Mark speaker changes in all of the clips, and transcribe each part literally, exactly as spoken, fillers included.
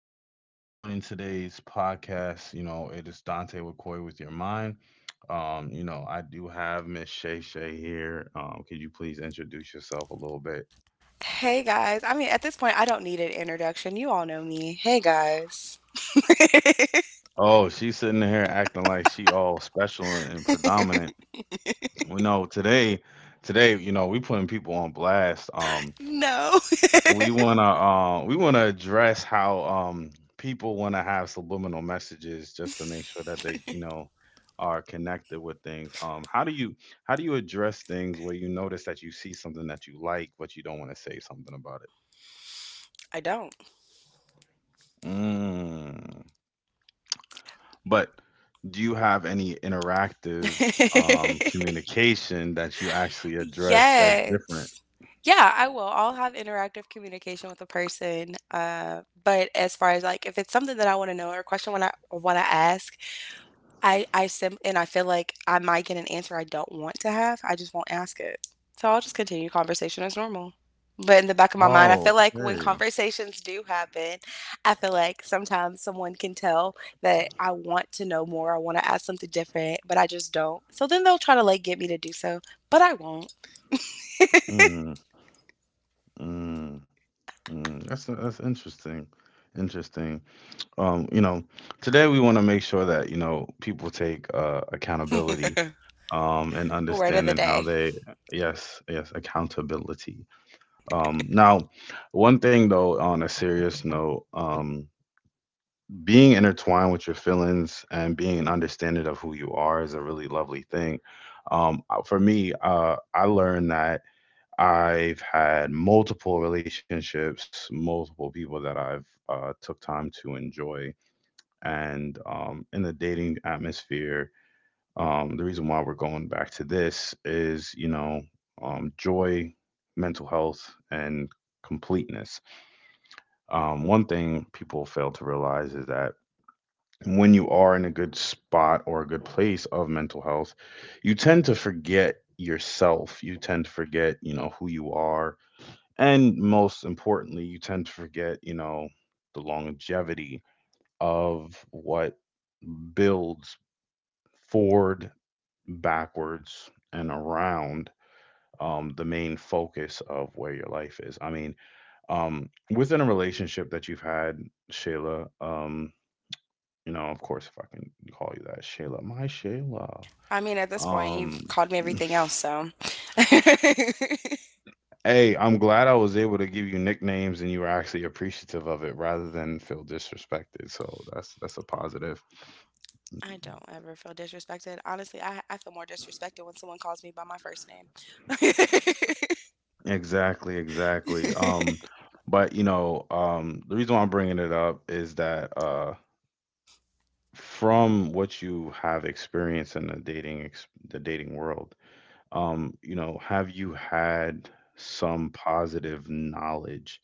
Speaker 1: you for joining today's podcast. You know, it is Dante McCoy with your mind. Um, you know, I do have Miss Shay Shay here. Um, could you please introduce yourself a little bit? Oh, she's sitting here acting like she all special and, and predominant. We know today, today, you know, We putting people on blast. Um, we want to uh, we want to address how um, people want to have subliminal messages just to make sure that they you know are connected with things. Um how do you how do you address things where you notice that you see something that you like but you don't want to say something about it? Mm. But do you have any interactive um communication that you actually address that's different? Oh, okay. Mm, mm, mm. that's that's interesting. Interesting. um, you know, Today we want to make sure that, you know, people take uh, accountability, um, and understanding how they, yes, yes, accountability. Um, now, one thing though, on a serious note, um, being intertwined with your feelings and being an understanding of who you are is a really lovely thing. Um, uh, for me, uh, I learned that I've had multiple relationships, multiple people that I've uh, took time to enjoy, and um, in the dating atmosphere. Um, the reason why we're going back to this is, you know um, joy, mental health, and completeness. Um, one thing people fail to realize is that when you are in a good spot or a good place of mental health, you tend to forget yourself. You tend to forget, you know who you are. And most importantly, you tend to forget, you know the longevity of what builds forward, backwards, and around um, the main focus of where your life is. I mean, um, within a relationship that you've had, Shayla, um, you know, of course, if I can call you that, Shayla, my Shayla.
Speaker 2: I mean, at this point, you've
Speaker 1: Um,
Speaker 2: called me everything else, so I
Speaker 1: Hey, I'm glad I was able to give you nicknames and you were actually appreciative of it rather than feel disrespected. So that's that's a positive.
Speaker 2: don't ever feel disrespected. Honestly, I, I feel more disrespected when someone calls me by my first name.
Speaker 1: Exactly, exactly. Um, but you know, um, the reason why I'm bringing it up is that uh, from what you have experienced in the dating ex the dating world, um, you know, have you had some positive knowledge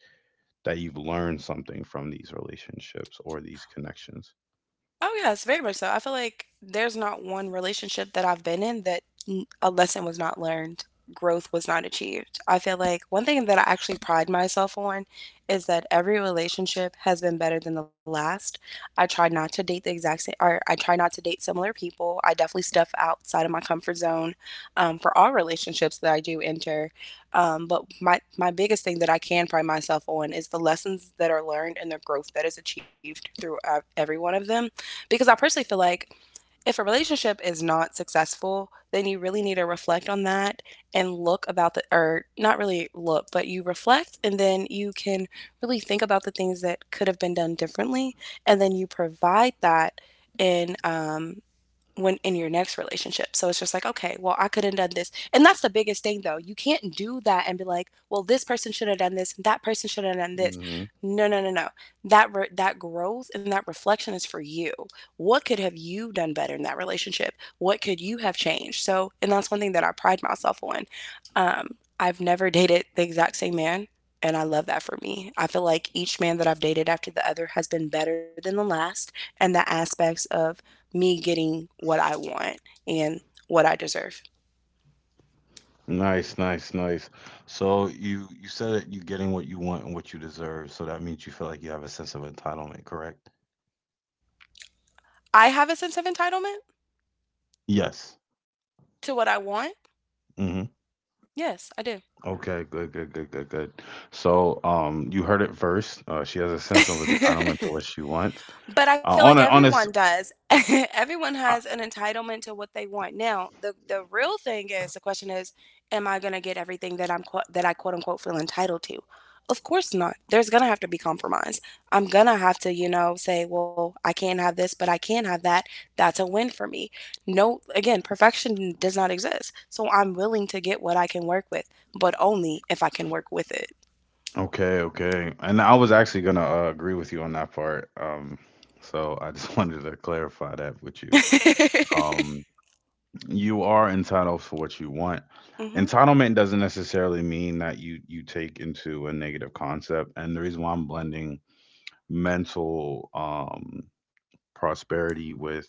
Speaker 1: that you've learned something from these relationships or these connections?
Speaker 2: Oh, yes, very much so. I feel like there's not one relationship that I've been in that n- a lesson was not learned, growth was not achieved. I feel like one thing that I actually pride myself on is that every relationship has been better than the last. I try not to date the exact same, or I try not to date similar people. I definitely step outside of my comfort zone um, for all relationships that I do enter. Um, but my, my biggest thing that I can pride myself on is the lessons that are learned and the growth that is achieved through uh, every one of them because I personally feel like if a relationship is not successful, then you really need to reflect on that and look about the, or not really look, but you reflect and then you can really think about the things that could have been done differently. And then you provide that in um, when in your next relationship. So it's just like, okay, well, I could have done this. And that's the biggest thing though. You can't do that and be like, well, this person should have done this, that person should have done this.
Speaker 1: Hmm.
Speaker 2: No, no, no, no. That re- that growth and that reflection is for you. What could have you done better in that relationship? What could you have changed? So, and that's one thing that I pride myself on. Um, I've never dated the exact same man, and I love that for me. I feel like each man that I've dated after the other has been better than the last, and the aspects of me getting what I want and what I deserve.
Speaker 1: Nice, nice, nice. So you you said that you're getting what you want and what you deserve, so that means you feel like you have a sense of entitlement, correct?
Speaker 2: I have a sense of entitlement
Speaker 1: Yes.
Speaker 2: to what I want.
Speaker 1: Hmm.
Speaker 2: Yes, I
Speaker 1: Okay, good, good, good, good, good. So, um, you heard it first. Uh, she has a
Speaker 2: do.
Speaker 1: sense of entitlement to what she wants.
Speaker 2: But I
Speaker 1: Uh,
Speaker 2: feel
Speaker 1: on
Speaker 2: like
Speaker 1: a on a s-
Speaker 2: everyone does. Everyone
Speaker 1: uh,
Speaker 2: has an entitlement to what they want. Now, the the real thing is the question is, am I going to get everything that I'm quote that I quote unquote feel entitled to? Of course not. There's going to have to be compromise. I'm going to have to, you know, say, well, I can't have this, but I can have that. That's a win for me. No, again, perfection does not exist. So I'm willing to get what I can work with, but only if I can work with it.
Speaker 1: okay, okay. And I was actually gonna uh, agree with you on that part. Um, so I just wanted to clarify that with you. Um, you are entitled for what you want.
Speaker 2: Hmm.
Speaker 1: Entitlement doesn't necessarily mean that you you take into a negative concept. And the reason why I'm blending mental um prosperity with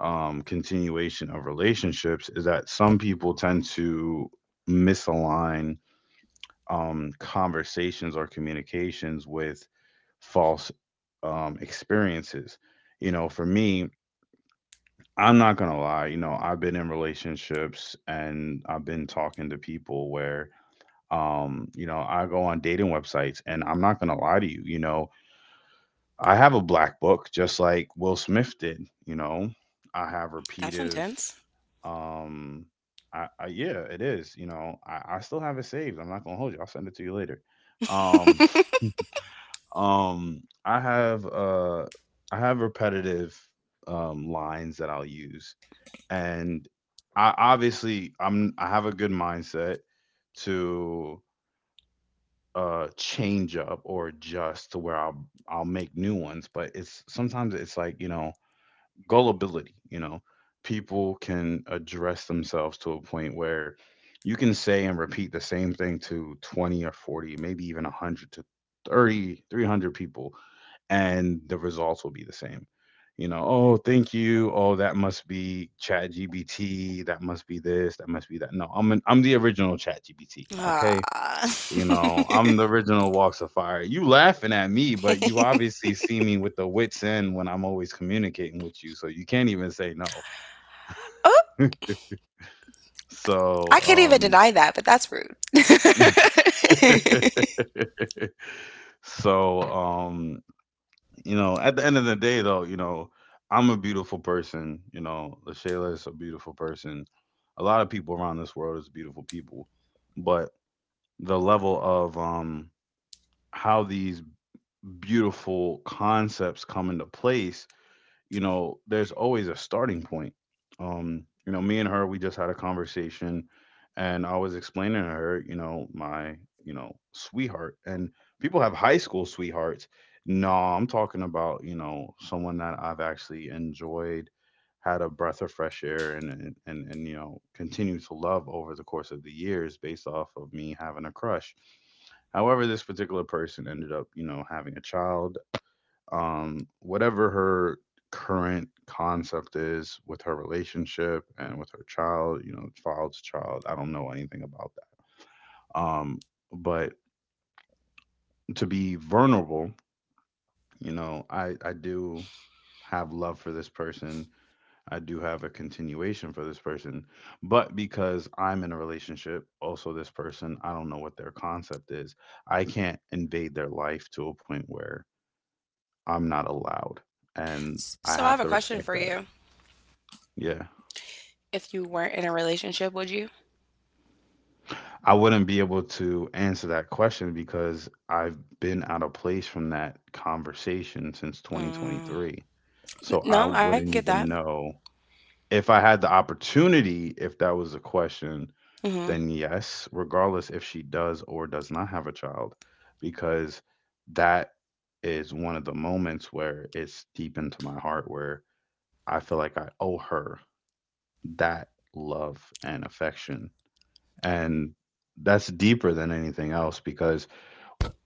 Speaker 1: um, continuation of relationships is that some people tend to misalign um, conversations or communications with false um, experiences. You know, for me, I'm not going to lie, you know, I've been in relationships and I've been talking to people where, um, you know, I go on dating websites, and I'm not going to lie to you, you know, I have a black book, just like Will Smith did. You know, I have
Speaker 2: That's
Speaker 1: repetitive.
Speaker 2: intense.
Speaker 1: Um, I, I Yeah, it is. You know, I, I still have it saved. I'm not gonna hold you. I'll send it to you later. Um, um, I have uh, I have repetitive um lines that I'll use, and I obviously, I'm I have a good mindset to uh change up or adjust to where I'll I'll make new ones, but it's sometimes it's like, you know gullibility. You know people can address themselves to a point where you can say and repeat the same thing to twenty or forty, maybe even one hundred to thirty, three hundred people, and the results will be the same. You know oh, thank you. Oh, that must be Chat GBT. That must be this. That must be that. No, i'm an, i'm the original Chat GBT. Okay.
Speaker 2: Ah.
Speaker 1: you know, I'm the original Walks of Fire. You laughing at me, but you obviously see me with the wits end when I'm always communicating with you, so you can't even say no.
Speaker 2: Oh, I
Speaker 1: So,
Speaker 2: can't even
Speaker 1: um,
Speaker 2: deny that, but that's rude.
Speaker 1: so, um, you know, at the end of the day, though, you know, I'm a beautiful person. You know, LaShayla is a beautiful person. A lot of people around this world is beautiful people, but the level of um how these beautiful concepts come into place, you know, there's always a starting point. Um, you know, me and her, we just had a conversation, and I was explaining to her, you know, my, you know, sweetheart. And people have high school sweethearts. No, I'm talking about, you know, someone that I've actually enjoyed, had a breath of fresh air and and and, and you know, continue to love over the course of the years based off of me having a crush. However, this particular person ended up, you know, having a child. Um, whatever her current concept is with her relationship and with her child, you know, child to child, I don't know anything about that. Um, but to be vulnerable, you know, I, I do have love for this person. I do have a continuation for this person. But because I'm in a relationship, also this person, I don't know what their concept is. I can't invade their life to a point where I'm not allowed. And I
Speaker 2: So I
Speaker 1: have
Speaker 2: have
Speaker 1: to
Speaker 2: a question
Speaker 1: respect
Speaker 2: for
Speaker 1: that.
Speaker 2: you.
Speaker 1: Yeah.
Speaker 2: If you weren't in a relationship, would you?
Speaker 1: I wouldn't be able to answer that question because I've been out of place from that conversation since
Speaker 2: Mm.
Speaker 1: twenty twenty-three. So I
Speaker 2: No, I
Speaker 1: wouldn't
Speaker 2: get that.
Speaker 1: even know if I had the opportunity. If that was the question,
Speaker 2: Hmm.
Speaker 1: then yes, regardless if she does or does not have a child, because that is one of the moments where it's deep into my heart where I feel like I owe her that love and affection, and that's deeper than anything else, because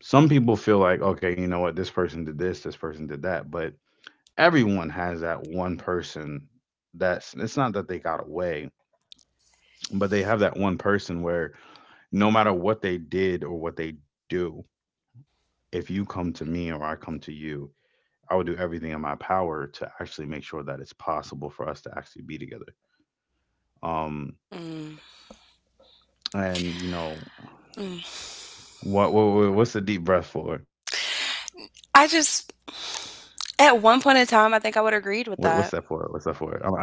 Speaker 1: some people feel like, okay, you know what, this person did this, this person did that. But everyone has that one person that's, it's not that they got away, but they have that one person where, no matter what they did or what they do, if you come to me or I come to you, I would do everything in my power to actually make sure that it's possible for us to actually be together. Um,
Speaker 2: Mm.
Speaker 1: and you know,
Speaker 2: Mm.
Speaker 1: what, what what's the deep breath for?
Speaker 2: I just,
Speaker 1: What
Speaker 2: at
Speaker 1: what's
Speaker 2: one
Speaker 1: that
Speaker 2: point in
Speaker 1: for? What's
Speaker 2: time, I
Speaker 1: that
Speaker 2: think I
Speaker 1: for?
Speaker 2: would have agreed
Speaker 1: I, I
Speaker 2: with
Speaker 1: want to
Speaker 2: that.
Speaker 1: hear. I want to hear. I want to hear.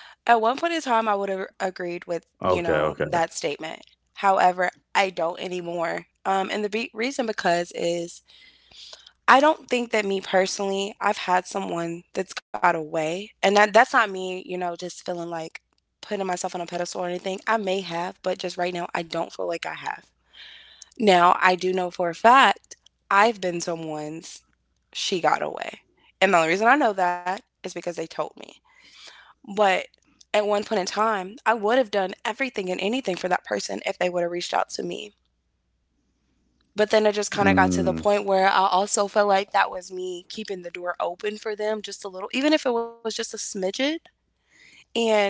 Speaker 2: At one point in time, I would have
Speaker 1: Okay,
Speaker 2: agreed with,
Speaker 1: okay.
Speaker 2: you know, that statement. However, I don't anymore. Um, and the be- reason because is I don't think that me personally, I've had someone that's got away, and that that's not me, you know, just feeling like putting myself on a pedestal or anything. I may have, but just right now, I don't feel like I have. Now, I do know for a fact I've been someone's she got away. And the only reason I know that is because they told me. But at one point in time, I would have done everything and anything for that person if they would have reached out to me but then it just kind of got to the
Speaker 1: Mm,
Speaker 2: point where I also felt like that was me keeping the door open for them just a little, even if it was just a smidget. And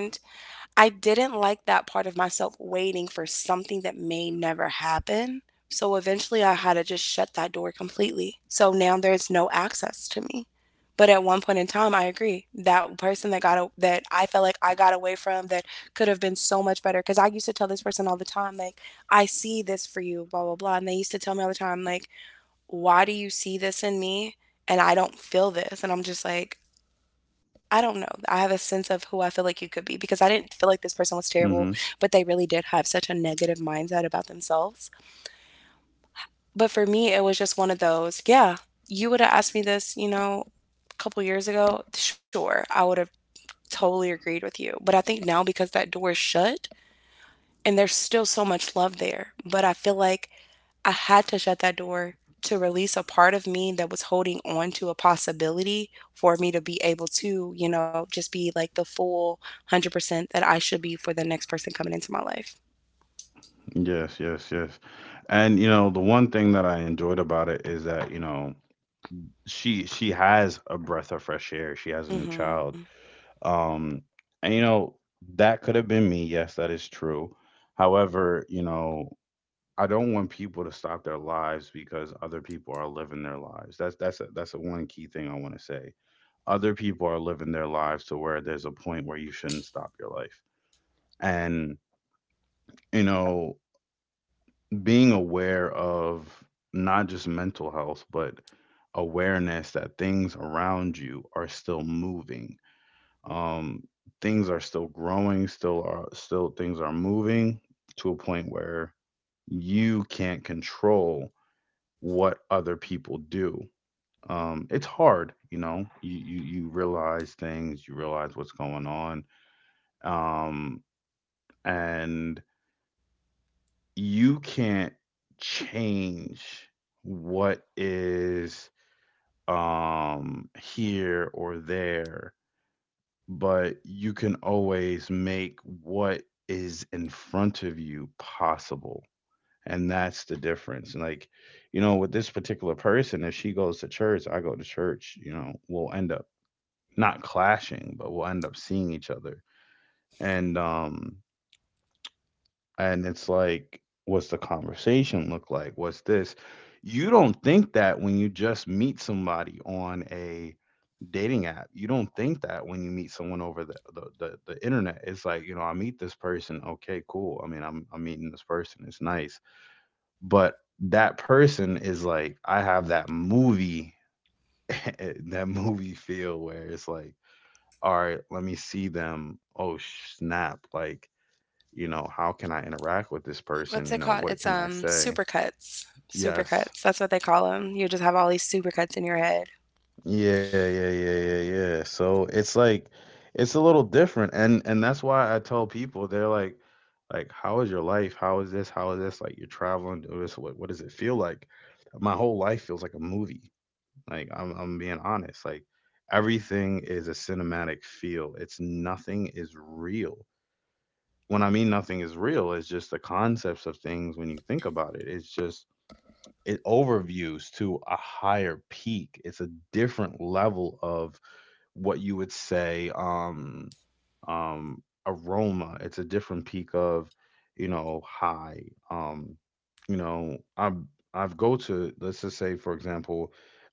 Speaker 2: I didn't like that part of myself waiting for something that may never happen. So eventually I had to just shut that door completely. So now there's no access to me. But at one point in time, I agree. That person that got a, that I felt like I got away from that could have been so much better. Because I used to tell this person all the time, like, I see this for you, blah blah blah. And they used to tell me all the time, like, why do you see this in me and I don't feel this? And I'm just like, I don't know. I have a sense of who I feel like you could be because I didn't feel like this person was terrible,
Speaker 1: mm-hmm.
Speaker 2: but they really did have such a negative mindset about themselves. But for me, it was just one of those, yeah, you would have asked me this, you know, a couple years ago, sure, I would have totally agreed with you. But I think now because that door is shut, and there's still so much love there. But I feel like I had to shut that door to release a part of me that was holding on to a possibility for me to be able to, you know, just be like the full one hundred percent that I should be for the next person coming into my life.
Speaker 1: Yes, yes, yes. And you know, the one thing that I enjoyed about it is that, you know, she she has a breath of fresh air. She has a new
Speaker 2: Hmm.
Speaker 1: child. Um, and you know, that could have been me. Yes, that is true. However, you know, I don't want people to stop their lives because other people are living their lives. That's that's a, that's a one key thing I want to say. Other people are living their lives to where there's a point where you shouldn't stop your life. And, you know, being aware of not just mental health, but awareness that things around you are still moving. Um, Things are still growing, still are still things are moving to a point where you can't control what other people do. Um, it's hard, you know. You, you you realize things, you realize what's going on, um, and you can't change what is, um, here or there, but you can always make what is in front of you possible. And that's the difference. And like, you know, with this particular person, if she goes to church, I go to church, you know, we'll end up not clashing, but we'll end up seeing each other. And um And it's like, what's the conversation look like? What's this? You don't think that when you just meet somebody on a dating app. You don't think that when you meet someone over the, the, the, the internet. It's like, you know, I meet this person. Okay, cool. I mean, I'm, I'm meeting this person. It's nice. But that person is like, I have that movie, that movie feel where it's like, all right, let me see them. Oh, snap. Like, you know, how can I interact with this
Speaker 2: What's it
Speaker 1: person? You
Speaker 2: called?
Speaker 1: know,
Speaker 2: It's
Speaker 1: what can
Speaker 2: um
Speaker 1: I say?
Speaker 2: supercuts. Supercuts.
Speaker 1: Yes.
Speaker 2: That's what they call them. You just have all these supercuts in your head.
Speaker 1: Yeah, yeah, yeah, yeah, yeah. So it's like it's a little different and and that's why I tell people they're like like how is your life? How is this? How is this? Like you're traveling to this, what what does it feel like? My whole life feels like a movie. Like I'm I'm being honest. Like everything is a cinematic feel. It's nothing is real. When I mean nothing is real, it's just the concepts of things when you think about it. It's just it overviews to a higher peak. It's a different level of what you would say um um aroma. It's a different peak of, you know, high. Um, you know, I'm I've go to let's just say for example,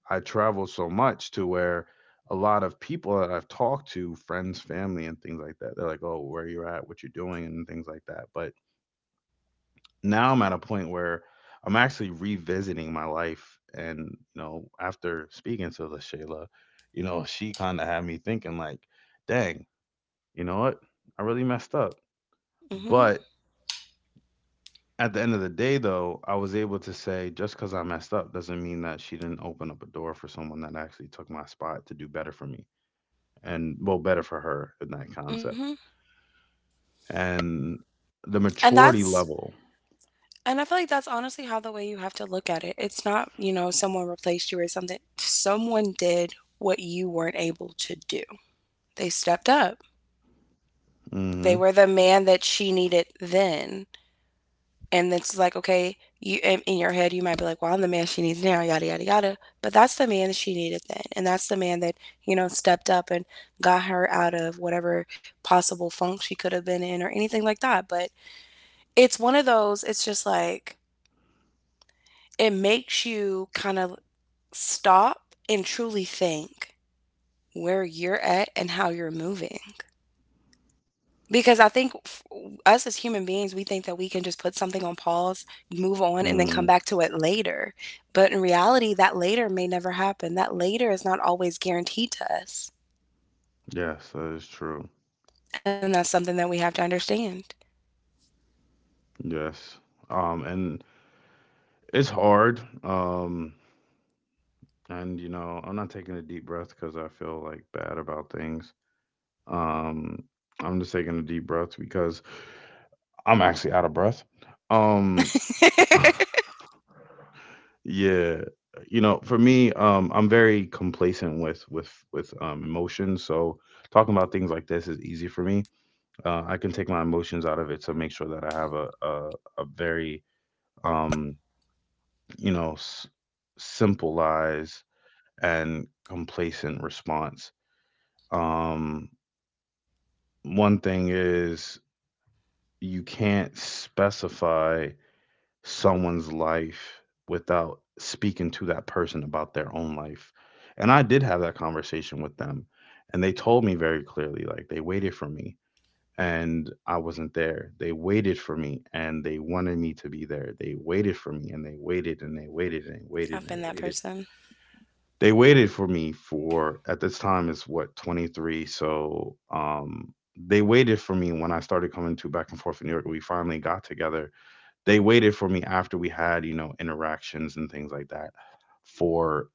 Speaker 1: I travel so much to where a lot of people that I've talked to, friends, family, and things like that, they're like, "Oh, where you at? What you are doing?" and things like that. But now I'm at a point where I'm actually revisiting my life. And, you know, after speaking to LaShayla, you know, she kind of had me thinking, like, dang, you know what? I really messed up.
Speaker 2: Hmm.
Speaker 1: But at the end of the day, though, I was able to say, just because I messed up doesn't mean that she didn't open up a door for someone that actually took my spot to do better for me and, well, better for her in that concept.
Speaker 2: Hmm.
Speaker 1: And the
Speaker 2: And
Speaker 1: maturity
Speaker 2: that's
Speaker 1: level.
Speaker 2: And I feel like that's honestly how the way you have to look at it. It's not, you know, someone replaced you or something. Someone did what you weren't able to do. They stepped up.
Speaker 1: Mm
Speaker 2: They
Speaker 1: hmm.
Speaker 2: were the man that she needed then. And it's like, okay, you in in your head you might be like, well, I'm the man she needs now, yada yada yada. But that's the man that she needed then. And that's the man that, you know, stepped up and got her out of whatever possible funk she could have been in or anything like that. But it's one of those, it's just like it makes you kind of stop and truly think where you're at and how you're moving. Because I think f- us as human beings, we think that we can just put something on pause, move on, and then come
Speaker 1: Mm,
Speaker 2: back to it later. But in reality, that later may never happen. That later is not always guaranteed to us.
Speaker 1: yes, that is true.
Speaker 2: And that's something that we have to understand.
Speaker 1: Yes. Um, and it's hard. Um, and you know, I'm not taking a deep breath because I feel like bad about things. Um, I'm just taking a deep breath because I'm actually out of breath. Um, yeah. You know, for me, um, I'm very complacent with with with um, emotions. So talking about things like this is easy for me. Uh, I can take my emotions out of it to make sure that I have a a, a very um, you know, s- simple and complacent response. Um, One thing is you can't specify someone's life without speaking to that person about their own life. And I did have that conversation with them, and they told me very clearly, like, they waited for me and I wasn't there. They waited for me and they wanted me to be there. They waited for me and they waited and they waited and they waited
Speaker 2: I've
Speaker 1: and they
Speaker 2: been that
Speaker 1: waited.
Speaker 2: person.
Speaker 1: They waited for me for, at this time, it's what, twenty-three? So um they waited for me when I started coming to back and forth in New York. We finally got together. They waited for me after we had, you know, interactions and things like that for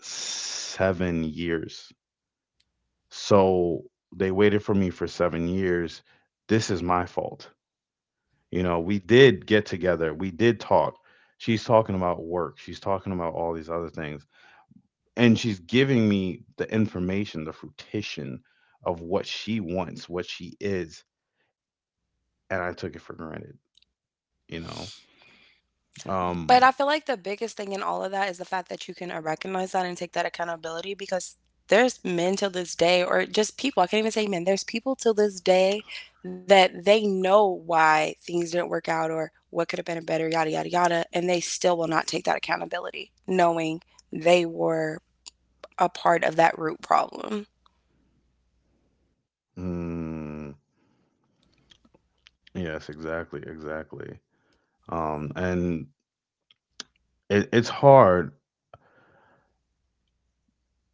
Speaker 1: seven years. So they waited for me for seven years. This is my fault. You know, we did get together, we did talk. She's talking about work, she's talking about all these other things, and she's giving me the information, the fruition of what she wants, what she is, and I took it for granted, you know.
Speaker 2: But
Speaker 1: Um,
Speaker 2: I feel like the biggest thing in all of that is the fact that you can, uh, recognize that and take that accountability because there's men till this day or just people, I can't even say men, there's people till this day that they know why things didn't work out or what could have been better, yada, yada, yada, and they still will not take that accountability knowing they were a part of that root problem.
Speaker 1: mm, yes, exactly, exactly. Um, and it, it's hard,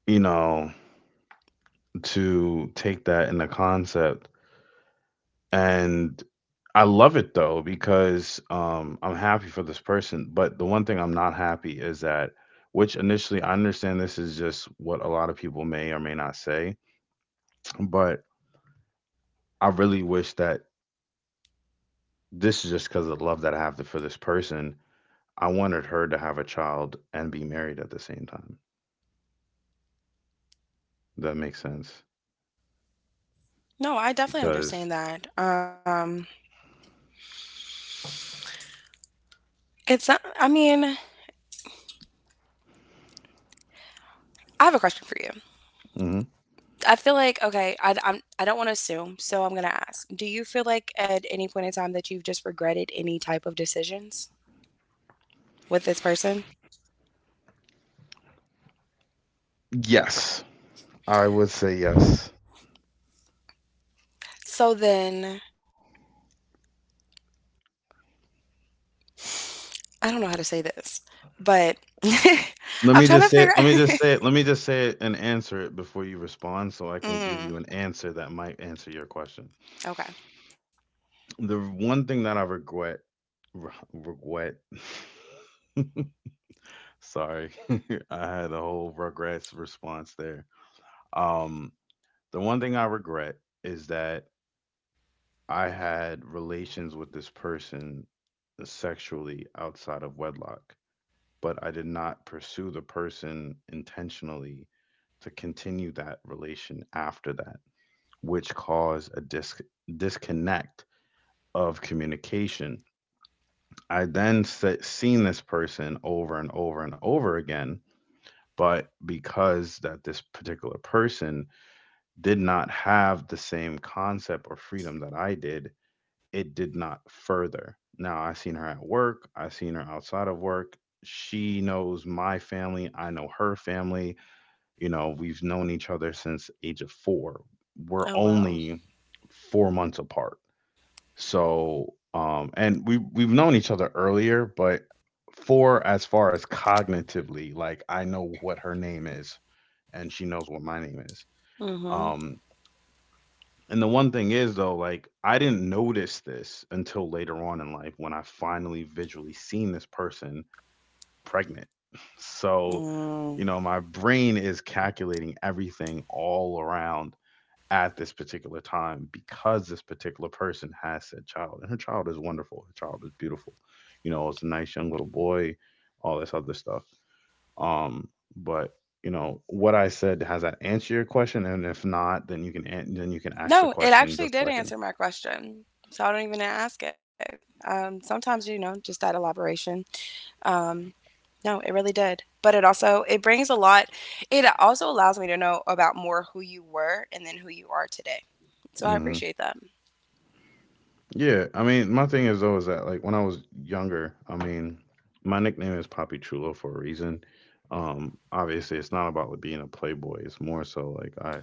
Speaker 1: you know, to take that in the concept, and I love it though because um, I'm happy for this person. But the one thing I'm not happy is that, which initially I understand this is just what a lot of people may or may not say, but I really wish that, this is just because of the love that I have for this person, I wanted her to have a child and be married at the same time. That makes sense
Speaker 2: No, I definitely
Speaker 1: because.
Speaker 2: understand that. Um, it's not I mean, I have a question for you.
Speaker 1: Mhm.
Speaker 2: I feel like okay, I I'm I don't want to assume, so I'm gonna ask. Do you feel like at any point in time that you've just regretted any type of decisions with this person?
Speaker 1: Yes, I would say yes.
Speaker 2: So then I don't know how to say this, but
Speaker 1: Let
Speaker 2: I'm
Speaker 1: me
Speaker 2: trying to
Speaker 1: just say
Speaker 2: figure
Speaker 1: it. Let me
Speaker 2: out.
Speaker 1: just say it. Let me just say it and answer it before you respond, so I can give
Speaker 2: Mm,
Speaker 1: you an answer that might answer your question.
Speaker 2: okay.
Speaker 1: The one thing that I regret, re- regret. Sorry, I had a whole regrets response there. Um, The one thing I regret is that I had relations with this person uh, sexually outside of wedlock, but I did not pursue the person intentionally to continue that relation after that, which caused a dis- disconnect of communication. I then se- seen this person over and over and over again, but because that this particular person did not have the same concept or freedom that I did, it did not further. Now I seen her at work, I seen her outside of work. She knows my family, I know her family. You know, we've known each other since age of four. We're
Speaker 2: Oh well.
Speaker 1: only four months apart. So, um and we we've known each other earlier, but for as far as cognitively, like I know what her name is and she knows what my name is.
Speaker 2: Mm-hmm.
Speaker 1: Um and the one thing is though, like I didn't notice this until later on in life when I finally visually seen this person pregnant. So, you
Speaker 2: Mm.
Speaker 1: know, my brain is calculating everything all around at this particular time because this particular person has said child. And her child is wonderful. Her child is beautiful. You know, it's a nice young little boy, all this other stuff. Um, but you know what I said. Has that answer your question? And if not, then you can an- then you can ask the
Speaker 2: No, it
Speaker 1: question
Speaker 2: actually
Speaker 1: just
Speaker 2: did
Speaker 1: like.
Speaker 2: answer my question. So I don't even ask it. Um, sometimes you know just that elaboration um, no, it really did. But it also it brings a lot it also allows me to know about more who you were and then who you are today. So I
Speaker 1: Hmm.
Speaker 2: appreciate that.
Speaker 1: Yeah, I mean, my thing is though is that like when I was younger, I mean, my nickname is Poppy Chulo for a reason. Um, obviously, it's not about, like, being a playboy. It's more so like I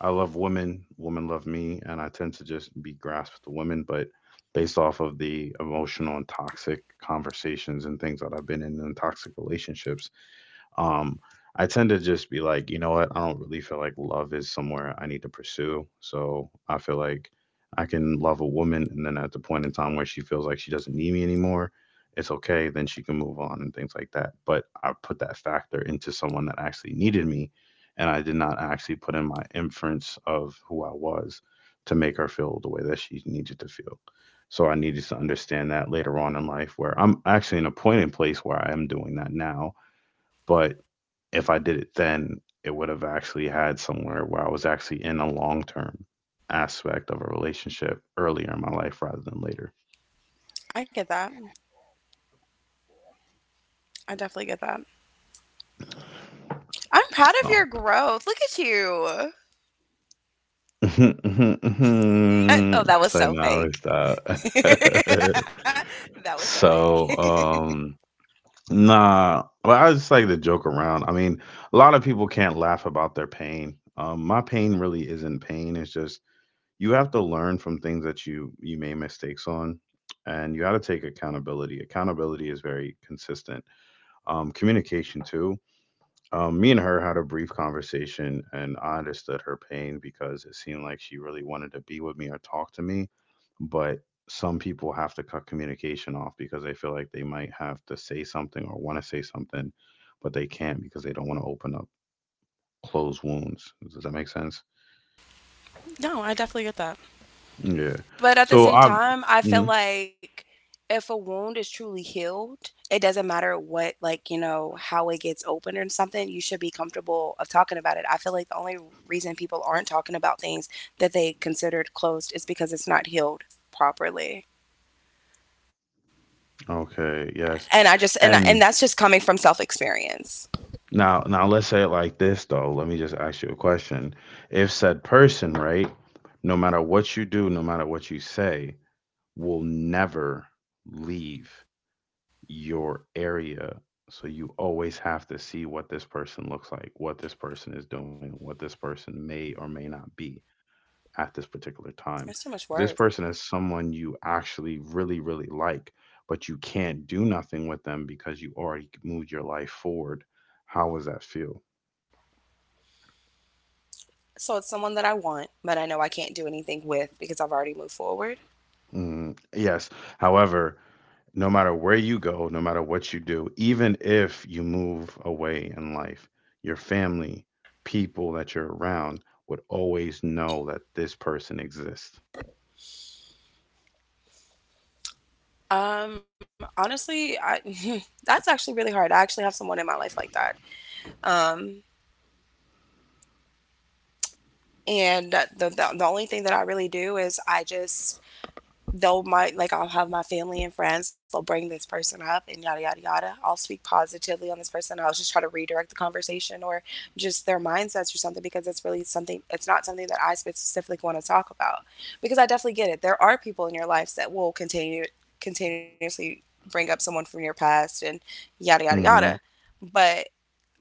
Speaker 1: I love women, women love me, and I tend to just be grasped to women, but based off of the emotional and toxic conversations and things that I've been in and toxic relationships, um, I tend to just be like, you know what? I don't really feel like love is somewhere I need to pursue. So I feel like I can love a woman, and then at the point in time where she feels like she doesn't need me anymore, it's okay. Then she can move on and things like that. But I put that factor into someone that actually needed me, and I did not actually put in my inference of who I was to make her feel the way that she needed to feel. So I needed to understand that later on in life, where I'm actually in a point in place where I am doing that now, but if I did it then, it would have actually had somewhere where I was actually in a long term aspect of a relationship earlier in my life rather than later.
Speaker 2: I get that. I definitely get that. I'm proud of
Speaker 1: Oh.
Speaker 2: your growth. Look at you. Oh, that was
Speaker 1: So
Speaker 2: so
Speaker 1: now
Speaker 2: fake.
Speaker 1: it's that.
Speaker 2: That was so fake.
Speaker 1: So um nah, but I just like to joke around. I mean, a lot of people can't laugh about their pain. Um my pain really isn't pain, it's just you have to learn from things that you you made mistakes on, and you got to take accountability. Accountability is very consistent. Um, communication too. Um, me and her had a brief conversation, and I understood her pain because it seemed like she really wanted to be with me or talk to me, but some people have to cut communication off because they feel like they might have to say something or want to say something, but they can't because they don't want to open up closed wounds. Does that make sense?
Speaker 2: No, I definitely get that.
Speaker 1: Yeah,
Speaker 2: But at the
Speaker 1: so
Speaker 2: same
Speaker 1: I've.
Speaker 2: time, I feel like if a wound is truly healed, it doesn't matter what, like, you know, how it gets opened or something, you should be comfortable of talking about it. I feel like the only reason people aren't talking about things that they considered closed is because it's not healed properly.
Speaker 1: Okay,
Speaker 2: And
Speaker 1: yes.
Speaker 2: I just and and that's
Speaker 1: And
Speaker 2: just coming from self-experience.
Speaker 1: now now let's say it like this though. Let me just ask you a question. If said person, right, no matter what you do, no matter what you say, will never leave your area. So you always have to see what this person looks like, what this person is doing, what this person may or may not be at this particular time.
Speaker 2: That's too much
Speaker 1: If this
Speaker 2: work.
Speaker 1: person is someone you actually really, really like, but you can't do nothing with them because you already moved your life forward, how does that feel?
Speaker 2: So it's someone that I want, but I know I can't do anything with because I've already moved forward.
Speaker 1: Mm, yes. However, no matter where you go, no matter what you do, even if you move away in life, your family, people that you're around would always know that this person exists.
Speaker 2: Um, honestly, I that's actually really hard. I actually have someone in my life like that. Um, and the, the, the only thing that I really do is I just, though my, like I'll have my family and friends, they'll bring this person up and yada, yada, yada. I'll speak positively on this person. I'll just try to redirect the conversation or just their mindsets or something because it's really something, it's not something that I specifically want to talk about. Because I definitely get it. There are people in your lives that will continue, continuously bring up someone from your past and yada, yada, yada.
Speaker 1: Hmm.
Speaker 2: But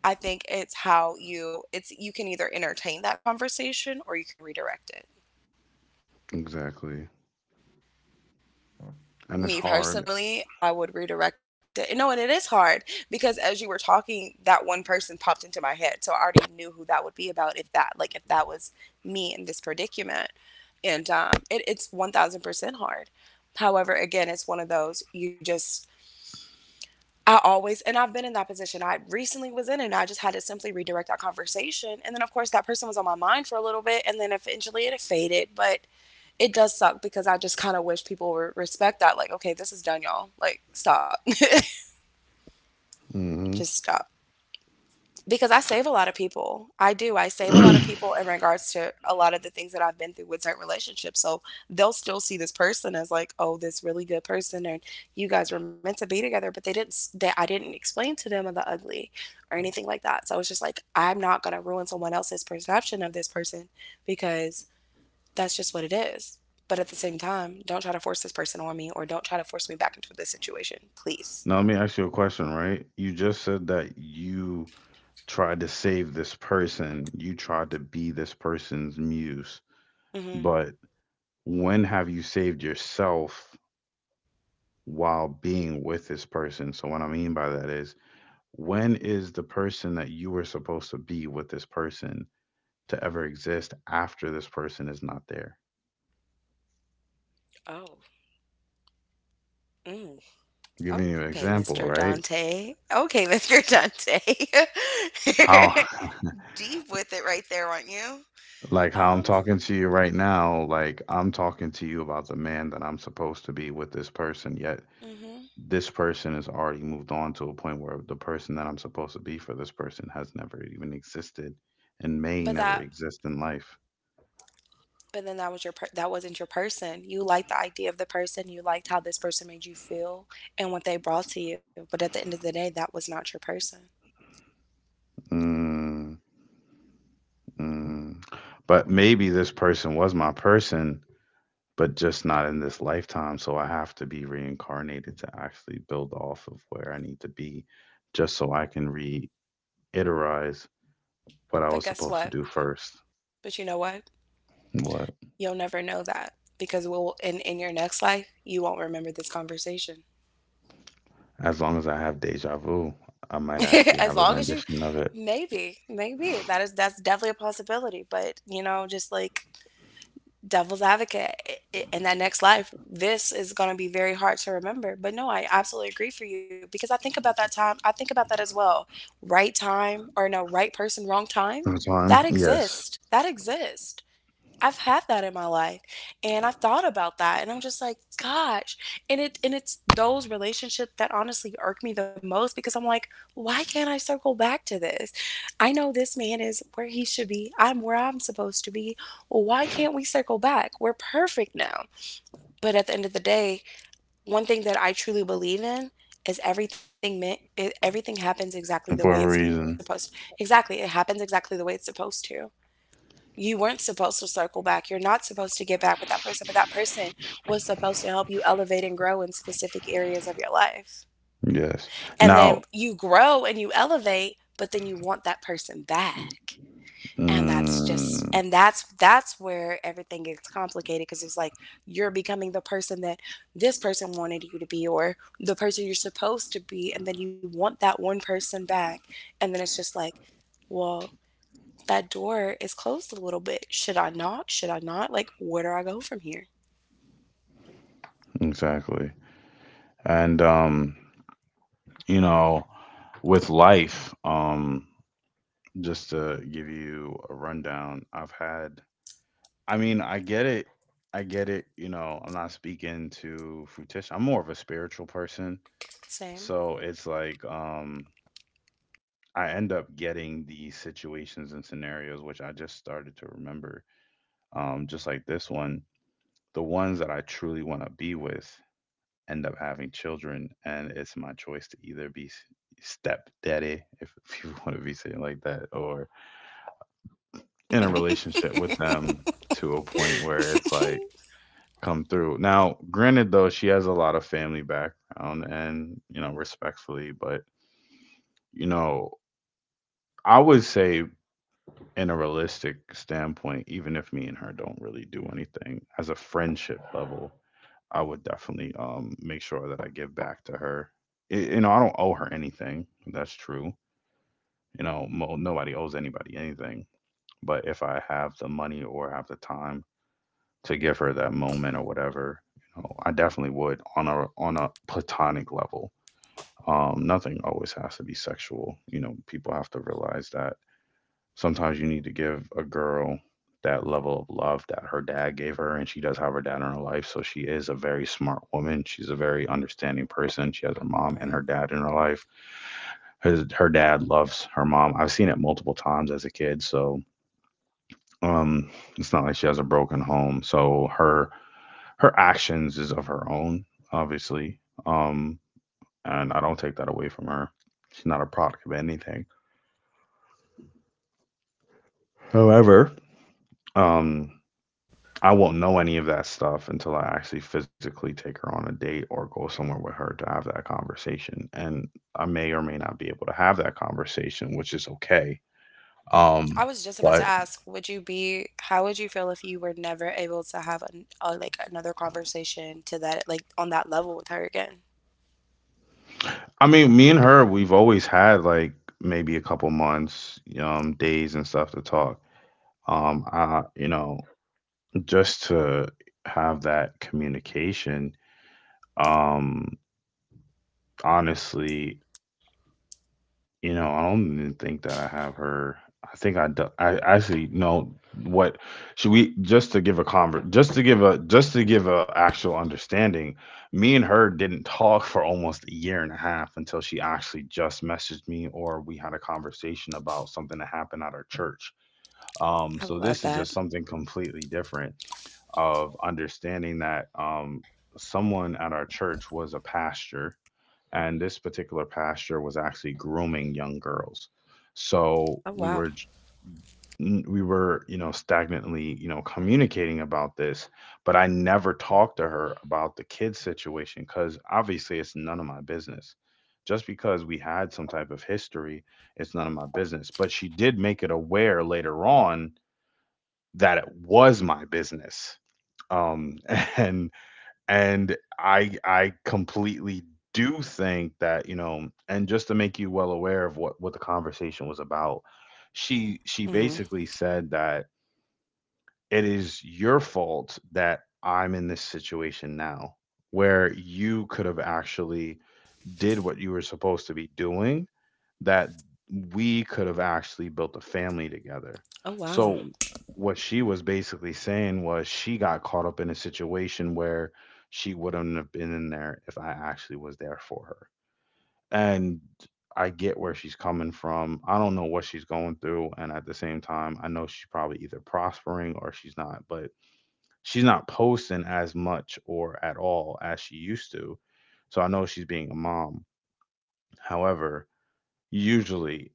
Speaker 2: I think it's how you it's you can either entertain that conversation or you can redirect it.
Speaker 1: Exactly. And it's
Speaker 2: Me
Speaker 1: hard.
Speaker 2: personally, I would redirect it. And no, and it is hard because as you were talking, that one person popped into my head. So I already knew who that would be about if that like if that was me in this predicament. And um it, it's one thousand percent hard. However, again, it's one of those you just I always, and I've been in that position. I recently was in it and I just had to simply redirect that conversation. And then, of course, that person was on my mind for a little bit and then eventually it faded. But it does suck because I just kind of wish people would respect that. Like, okay, this is done, y'all. Like, stop.
Speaker 1: Hmm.
Speaker 2: Just stop. Because I save a lot of people. I do. I save a lot of people in regards to a lot of the things that I've been through with certain relationships. So they'll still see this person as like, oh, this really good person, and you guys were meant to be together, but they didn't. s- They, I didn't explain to them of the ugly or anything like that. So it's just like I'm not gonna ruin someone else's perception of this person because that's just what it is. But at the same time, don't try to force this person on me, or don't try to force me back into this situation, please.
Speaker 1: Now, let me ask you a question, right? You just said that you tried to save this person, you tried to be this person's muse,
Speaker 2: Hmm.
Speaker 1: but when have you saved yourself while being with this person? So, what I mean by that is, when is the person that you were supposed to be with this person to ever exist after this person is not there?
Speaker 2: Oh. Mm.
Speaker 1: I'm giving you an
Speaker 2: Okay, mister
Speaker 1: example, right?
Speaker 2: Dante. Okay, mister Dante.
Speaker 1: How?
Speaker 2: Deep with it right there, aren't you?
Speaker 1: Like how I'm
Speaker 2: Um,
Speaker 1: talking to you right now, like I'm talking to you about the man that I'm supposed to be with this person, yet
Speaker 2: hmm.
Speaker 1: this person has already moved on to a point where the person that I'm supposed to be for this person has never even existed and may
Speaker 2: But
Speaker 1: never
Speaker 2: that
Speaker 1: exist in life.
Speaker 2: but then that was your per- that wasn't your person. You liked the idea of the person, you liked how this person made you feel and what they brought to you, but at the end of the day that was not your person.
Speaker 1: Mm, mm. But maybe this person was my person, but just not in this lifetime. So I have to be reincarnated to actually build off of where I need to be just so I can reiterate what I was
Speaker 2: But guess
Speaker 1: supposed to
Speaker 2: what?
Speaker 1: do first.
Speaker 2: But you know what?
Speaker 1: What?
Speaker 2: You'll never know that because we'll in in your next life, you won't remember this conversation.
Speaker 1: As long as I have deja vu, I might
Speaker 2: As
Speaker 1: actually have
Speaker 2: long
Speaker 1: a
Speaker 2: as you
Speaker 1: rendition of it
Speaker 2: Maybe, maybe that is that's definitely a possibility, but you know, just like devil's advocate i- i- in that next life, this is going to be very hard to remember. But no, I absolutely agree for you because I think about that time, I think about that as well. Right time or no, right person, wrong time, that
Speaker 1: sometime. Yes.
Speaker 2: exists. That exists. I've had that in my life and I've thought about that and I'm just like, gosh. And it and it's those relationships that honestly irk me the most because I'm like, why can't I circle back to this? I know this man is where he should be. I'm where I'm supposed to be. Why can't we circle back? We're perfect now. But at the end of the day, one thing that I truly believe in is everything meant everything happens exactly the way it's
Speaker 1: For a reason.
Speaker 2: supposed Exactly. It happens exactly the way it's supposed to. You weren't supposed to circle back. You're not supposed to get back with that person, but that person was supposed to help you elevate and grow in specific areas of your life.
Speaker 1: Yes.
Speaker 2: And then
Speaker 1: Now,
Speaker 2: you grow and you elevate, but then you want that person back. And that's just
Speaker 1: mm,
Speaker 2: and that's that's where everything gets complicated because it's like you're becoming the person that this person wanted you to be or the person you're supposed to be and then you want that one person back and then it's just like, well, that door is closed a little bit. Should I knock? Should I not? Like, where do I go from here?
Speaker 1: exactly. And, um, you know, with life, um, just to give you a rundown, I've had, I mean, I get it. I get it. You know, I'm not speaking to fruition. I'm more of a spiritual person.
Speaker 2: Same.
Speaker 1: So it's like, um, I end up getting these situations and scenarios, which I just started to remember, um, just like this one. The ones that I truly want to be with end up having children, and it's my choice to either be s- stepdaddy, if, if you want to be saying like that, or in a relationship with them, to a point where it's like come through. Now, granted, though, she has a lot of family background, and, you know, respectfully, but, you know, I would say, in a realistic standpoint, even if me and her don't really do anything, as a friendship level, I would definitely um make sure that I give back to her. I you know, I don't owe her anything. That's true. You know, mo- nobody owes anybody anything. But if I have the money or have the time to give her that moment or whatever, you know, I definitely would, on a on a platonic level. Um, nothing always has to be sexual. You know, people have to realize that sometimes you need to give a girl that level of love that her dad gave her, and she does have her dad in her life, so she is a very smart woman. She's a very understanding person. She has her mom and
Speaker 2: Right.
Speaker 1: her dad in her life. His, her dad loves her mom. I've seen it multiple times as a kid. So, um it's not like she has a broken home, so her her actions is of her own, obviously. Um and I don't take that away from her. She's not a product of anything. However, um I won't know any of that stuff until I actually physically take her on a date or go somewhere with her to have that conversation. And I may or may not be able to have that conversation, which is okay.
Speaker 2: I
Speaker 1: Um,
Speaker 2: was just about to
Speaker 1: but
Speaker 2: ask, would you be, how would you feel if you were never able to have an, a, like another conversation to that, like on that level with her again?
Speaker 1: I mean, me and her, we've always had like maybe a couple months, um, days and stuff to talk. Um, I, you know, just to have that communication, um, honestly. You know, I don't even think that I have her. I think I do. I actually know what. Should we? Just to give a convert just to give a just to give a actual understanding: me and her didn't talk for almost a year and a half, until she actually just messaged me, or we had a conversation about something that happened at our church. Um,
Speaker 2: I
Speaker 1: so
Speaker 2: love
Speaker 1: this is
Speaker 2: that.
Speaker 1: just something completely different, of understanding that um someone at our church was a pastor, and this particular pastor was actually grooming young girls.
Speaker 2: Oh,
Speaker 1: So
Speaker 2: wow.
Speaker 1: we were j- n- we were, you know stagnantly, you know communicating about this, but I never talked to her about the kids situation because obviously it's none of my business. Just because we had some type of history, it's none of my business. But she did make it aware later on that it was my business. um and and I I completely do think that, you know, and just to make you well aware of what what the conversation was about, she she
Speaker 2: Hmm.
Speaker 1: basically said that it is your fault that I'm in this situation now, where you could have actually did what you were supposed to be doing, that we could have actually built a family together.
Speaker 2: Oh, wow.
Speaker 1: So what she was basically saying was, she got caught up in a situation where she wouldn't have been in there if I actually was there for her. And I get where she's coming from. I don't know what she's going through, and at the same time I know she's probably either prospering or she's not, but she's not posting as much, or at all, as she used to. So I know she's being a mom. However, usually,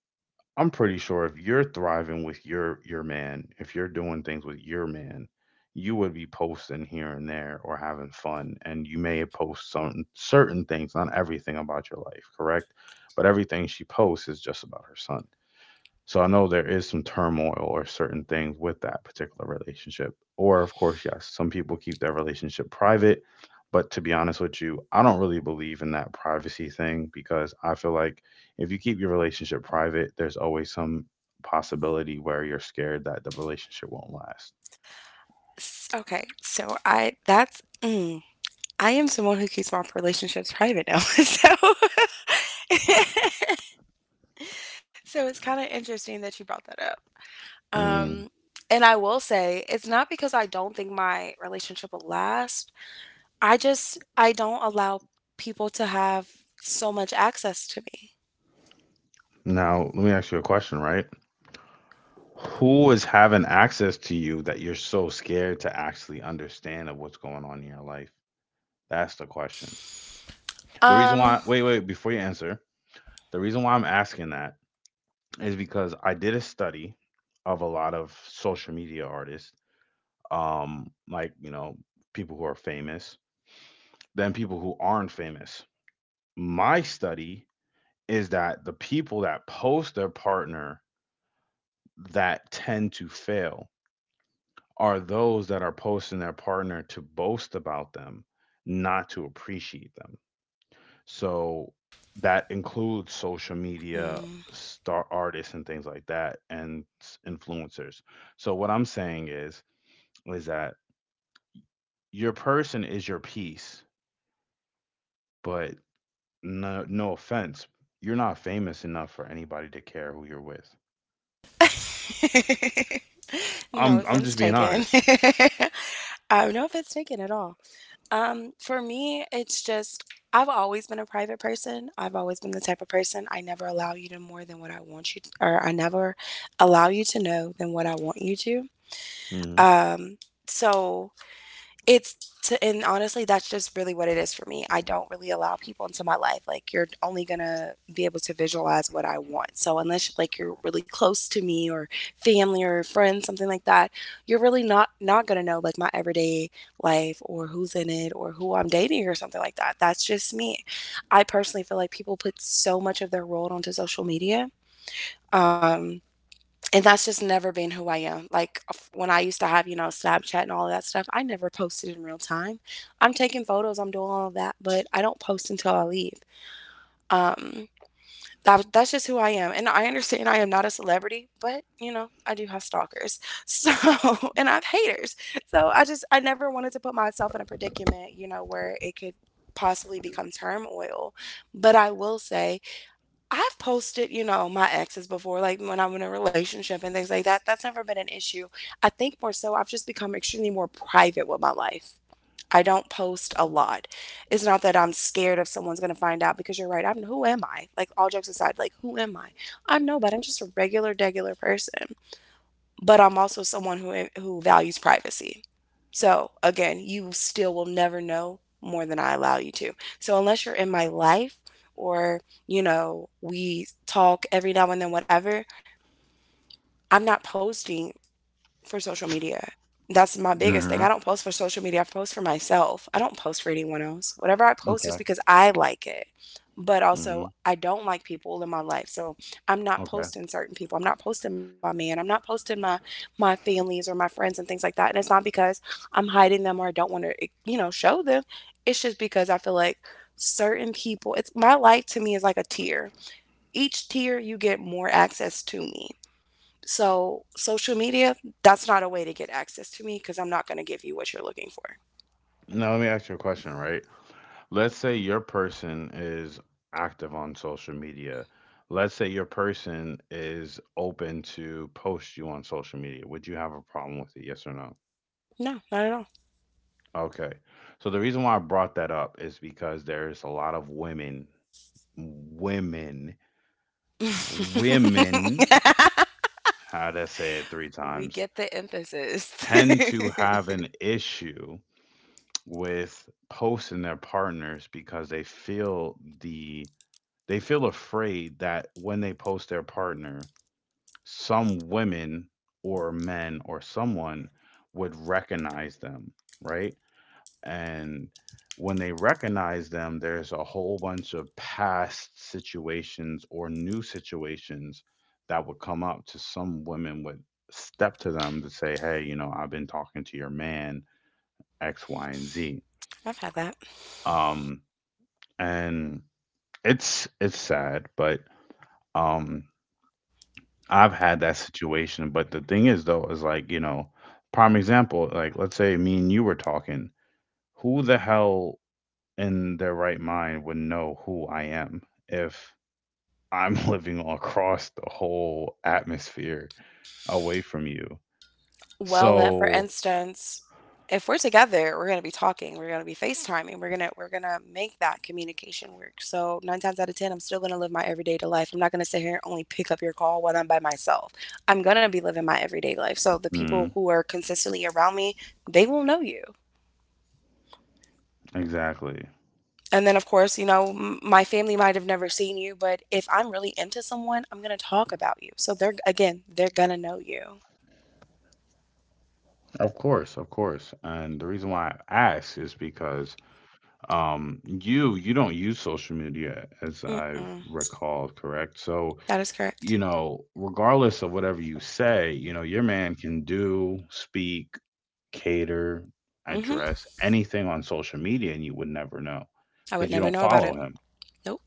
Speaker 1: I'm pretty sure if you're thriving with your your man, if you're doing things with your man, you would be posting here and there, or having fun, and you may post some certain things, not everything about your life, correct? But everything she posts is just about her son. So I know there is some turmoil or certain things with that particular relationship. Or, of course, yes, some people keep their relationship private. But to be honest with you, I don't really believe in that privacy thing, because I feel like if you keep your relationship private, there's always some possibility where you're scared that the relationship won't last.
Speaker 2: S- Okay. So I, that's, mm, I am someone who keeps my relationships private now. So, so it's kind of interesting that you brought that up.
Speaker 1: Mm.
Speaker 2: Um, and I will say it's not because I don't think my relationship will last. I just I don't allow people to have so much access to me.
Speaker 1: Now, let me ask you a question, right? Who is having access to you that you're so scared to actually understand of what's going on in your life? That's the question. The reason why,
Speaker 2: Um,
Speaker 1: wait, wait, before you answer, the reason why I'm asking that is because I did a study of a lot of social media artists, um, like, you know, people who are famous, then people who aren't famous. My study is that the people that post their partner that tend to fail are those that are posting their partner to boast about them, not to appreciate them. So that includes social media
Speaker 2: hmm.
Speaker 1: star artists and things like that, and s- influencers. So what I'm saying is is that your person is your piece, but no no offense, you're not famous enough for anybody to care who you're with.
Speaker 2: No
Speaker 1: I'm I'm
Speaker 2: offense
Speaker 1: just being
Speaker 2: taken.
Speaker 1: honest.
Speaker 2: Um, no offense taken at all. Um, for me, it's just I've always been a private person. I've always been the type of person I never allow you to more than what I want you to, or I never allow you to know than what I want you to.
Speaker 1: Mhm.
Speaker 2: Um, so It's to, and honestly, that's just really what it is for me. I don't really allow people into my life. Like, you're only gonna be able to visualize what I want. So, unless like you're really close to me or family or friends, something like that, you're really not not gonna know like my everyday life or who's in it or who I'm dating or something like that. That's just me. I personally feel like people put so much of their world onto social media. Um, and that's just never been who I am. Like uh, f- when I used to have, you know, Snapchat and all that stuff, I never posted in real time. I'm taking photos, I'm doing all of that, but I don't post until I leave. Um, that, that's just who I am. And I understand I am not a celebrity, but, you know, I do have stalkers. So, and I have haters. So I just, I never wanted to put myself in a predicament, you know, where it could possibly become turmoil. But I will say, I've posted, you know, my exes before, like when I'm in a relationship and things like that. That's never been an issue. I think more so, I've just become extremely more private with my life. I don't post a lot. It's not that I'm scared if someone's going to find out because you're right. I'm Who am I? Like all jokes aside, like who am I? I'm nobody. I'm just a regular, regular person, but I'm also someone who who values privacy. So again, you still will never know more than I allow you to. So unless you're in my life or, you know, we talk every now and then whatever, I'm not posting for social media. That's my biggest thing. I
Speaker 1: Mm-hmm.
Speaker 2: don't post for social media. I post for myself. I don't post for anyone else. Whatever I post is
Speaker 1: Okay.
Speaker 2: because I like it. But also,
Speaker 1: Mhm.
Speaker 2: I don't like people in my life. So I'm not
Speaker 1: Okay.
Speaker 2: posting certain people. I'm not posting my man. I'm not posting my my families or my friends and things like that. And it's not because I'm hiding them or I don't want to, you know, show them. It's just because I feel like certain people, it's my life to me is like a tier. Each tier you get more access to me. So, social media, that's not a way to get access to me because I'm not going to give you what you're looking for.
Speaker 1: Now let me ask you a question, right? Let's say your person is active on social media. Let's say your person is open to post you on social media. Would you have a problem with it? Yes or no?
Speaker 2: No, not at
Speaker 1: Okay. So the reason why I brought that up is because there's a lot of women. Women,
Speaker 2: all.
Speaker 1: women, how to say it three
Speaker 2: We
Speaker 1: times,
Speaker 2: get the emphasis.
Speaker 1: tend to have an issue with posting their partners because they feel the They feel afraid that when they post their partner, some women or men or someone would recognize them, right? And when they recognize them, there's a whole bunch of past situations or new situations that would come up to. Some women would step to them to say, "Hey, you know, I've been talking to your man, X, Y, and Z."
Speaker 2: I've had that.
Speaker 1: Um, and it's it's sad, but um I've had that situation. But the thing is though, is like, you know, prime example, like let's say me and you were talking, who the hell in their right mind would know who I am if I'm living across the whole atmosphere away from you?
Speaker 2: Well, that for
Speaker 1: So,
Speaker 2: instance, if we're together, we're gonna be talking, we're gonna be FaceTiming, we're gonna we're gonna make that communication work. So nine times out of ten, I'm still gonna live my everyday life. I'm not gonna sit here and only pick up your call when I'm by myself. I'm gonna be living my everyday life. So the people
Speaker 1: mm,
Speaker 2: who are consistently around me, they will know you.
Speaker 1: exactly.
Speaker 2: And then, of course, you know, m- my family might have never seen you, but if I'm really into someone, I'm going to talk about you. So they're, again, they're going to know you.
Speaker 1: Of course, of course. And the reason why I ask is because um you you don't use social media, as I've
Speaker 2: Mm-mm.
Speaker 1: recalled, correct? So
Speaker 2: That is correct.
Speaker 1: you know, regardless of whatever you say, you know, your man can do, speak, cater,
Speaker 2: Hmm.
Speaker 1: address anything on social media, and you would never know,
Speaker 2: I
Speaker 1: because
Speaker 2: would
Speaker 1: you
Speaker 2: never
Speaker 1: don't
Speaker 2: know about
Speaker 1: follow
Speaker 2: it.
Speaker 1: him.
Speaker 2: Nope.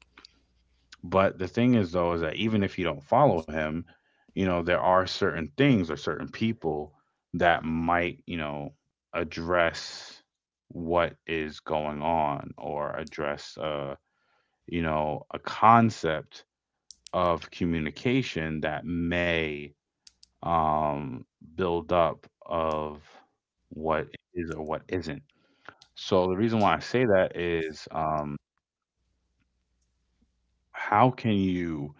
Speaker 1: But the thing is, though, is that even if you don't follow him, you know, there are certain things or certain people that might, you know, address what is going on, or address, uh, you know, a concept of communication that may um, build up of what is or what isn't. So the reason why I say that is, um, how can you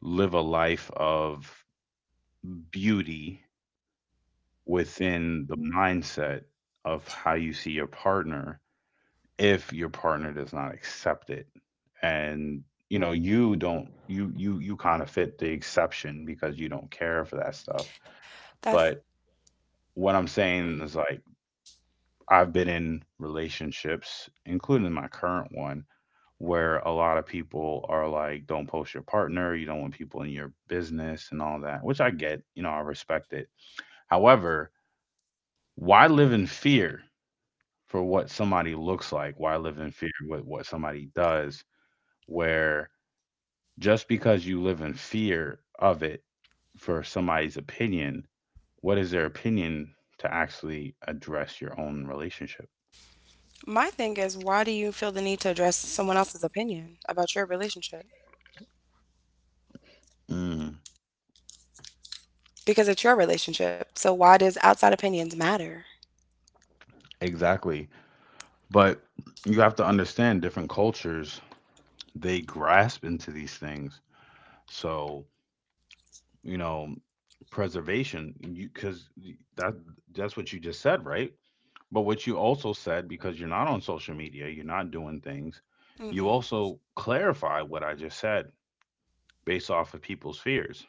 Speaker 1: live a life of beauty within the mindset of how you see your partner, if your partner does not accept it? And you know you don't, you you you kind of fit the exception, because you don't care for that stuff.
Speaker 2: That's
Speaker 1: But what I'm saying is like, I've been in relationships, including my current one, where a lot of people are like, don't post your partner, you don't want people in your business and all that, which I get, you know, I respect it. However, why live in fear for what somebody looks like? Why live in fear with what somebody does? Where, just because you live in fear of it, for somebody's opinion, what is their opinion to actually address your own relationship?
Speaker 2: my thing is why do you feel the need to address someone else's opinion about your relationship?
Speaker 1: Mm,
Speaker 2: Because it's your relationship. So why does outside opinions matter?
Speaker 1: exactly. But you have to understand, different cultures, they grasp into these things. So, you know, preservation, you because that that's what you just said, right? But what you also said, because you're not on social media, you're not doing things, you
Speaker 2: Mm-mm.
Speaker 1: also clarify what I just said, based off of people's fears,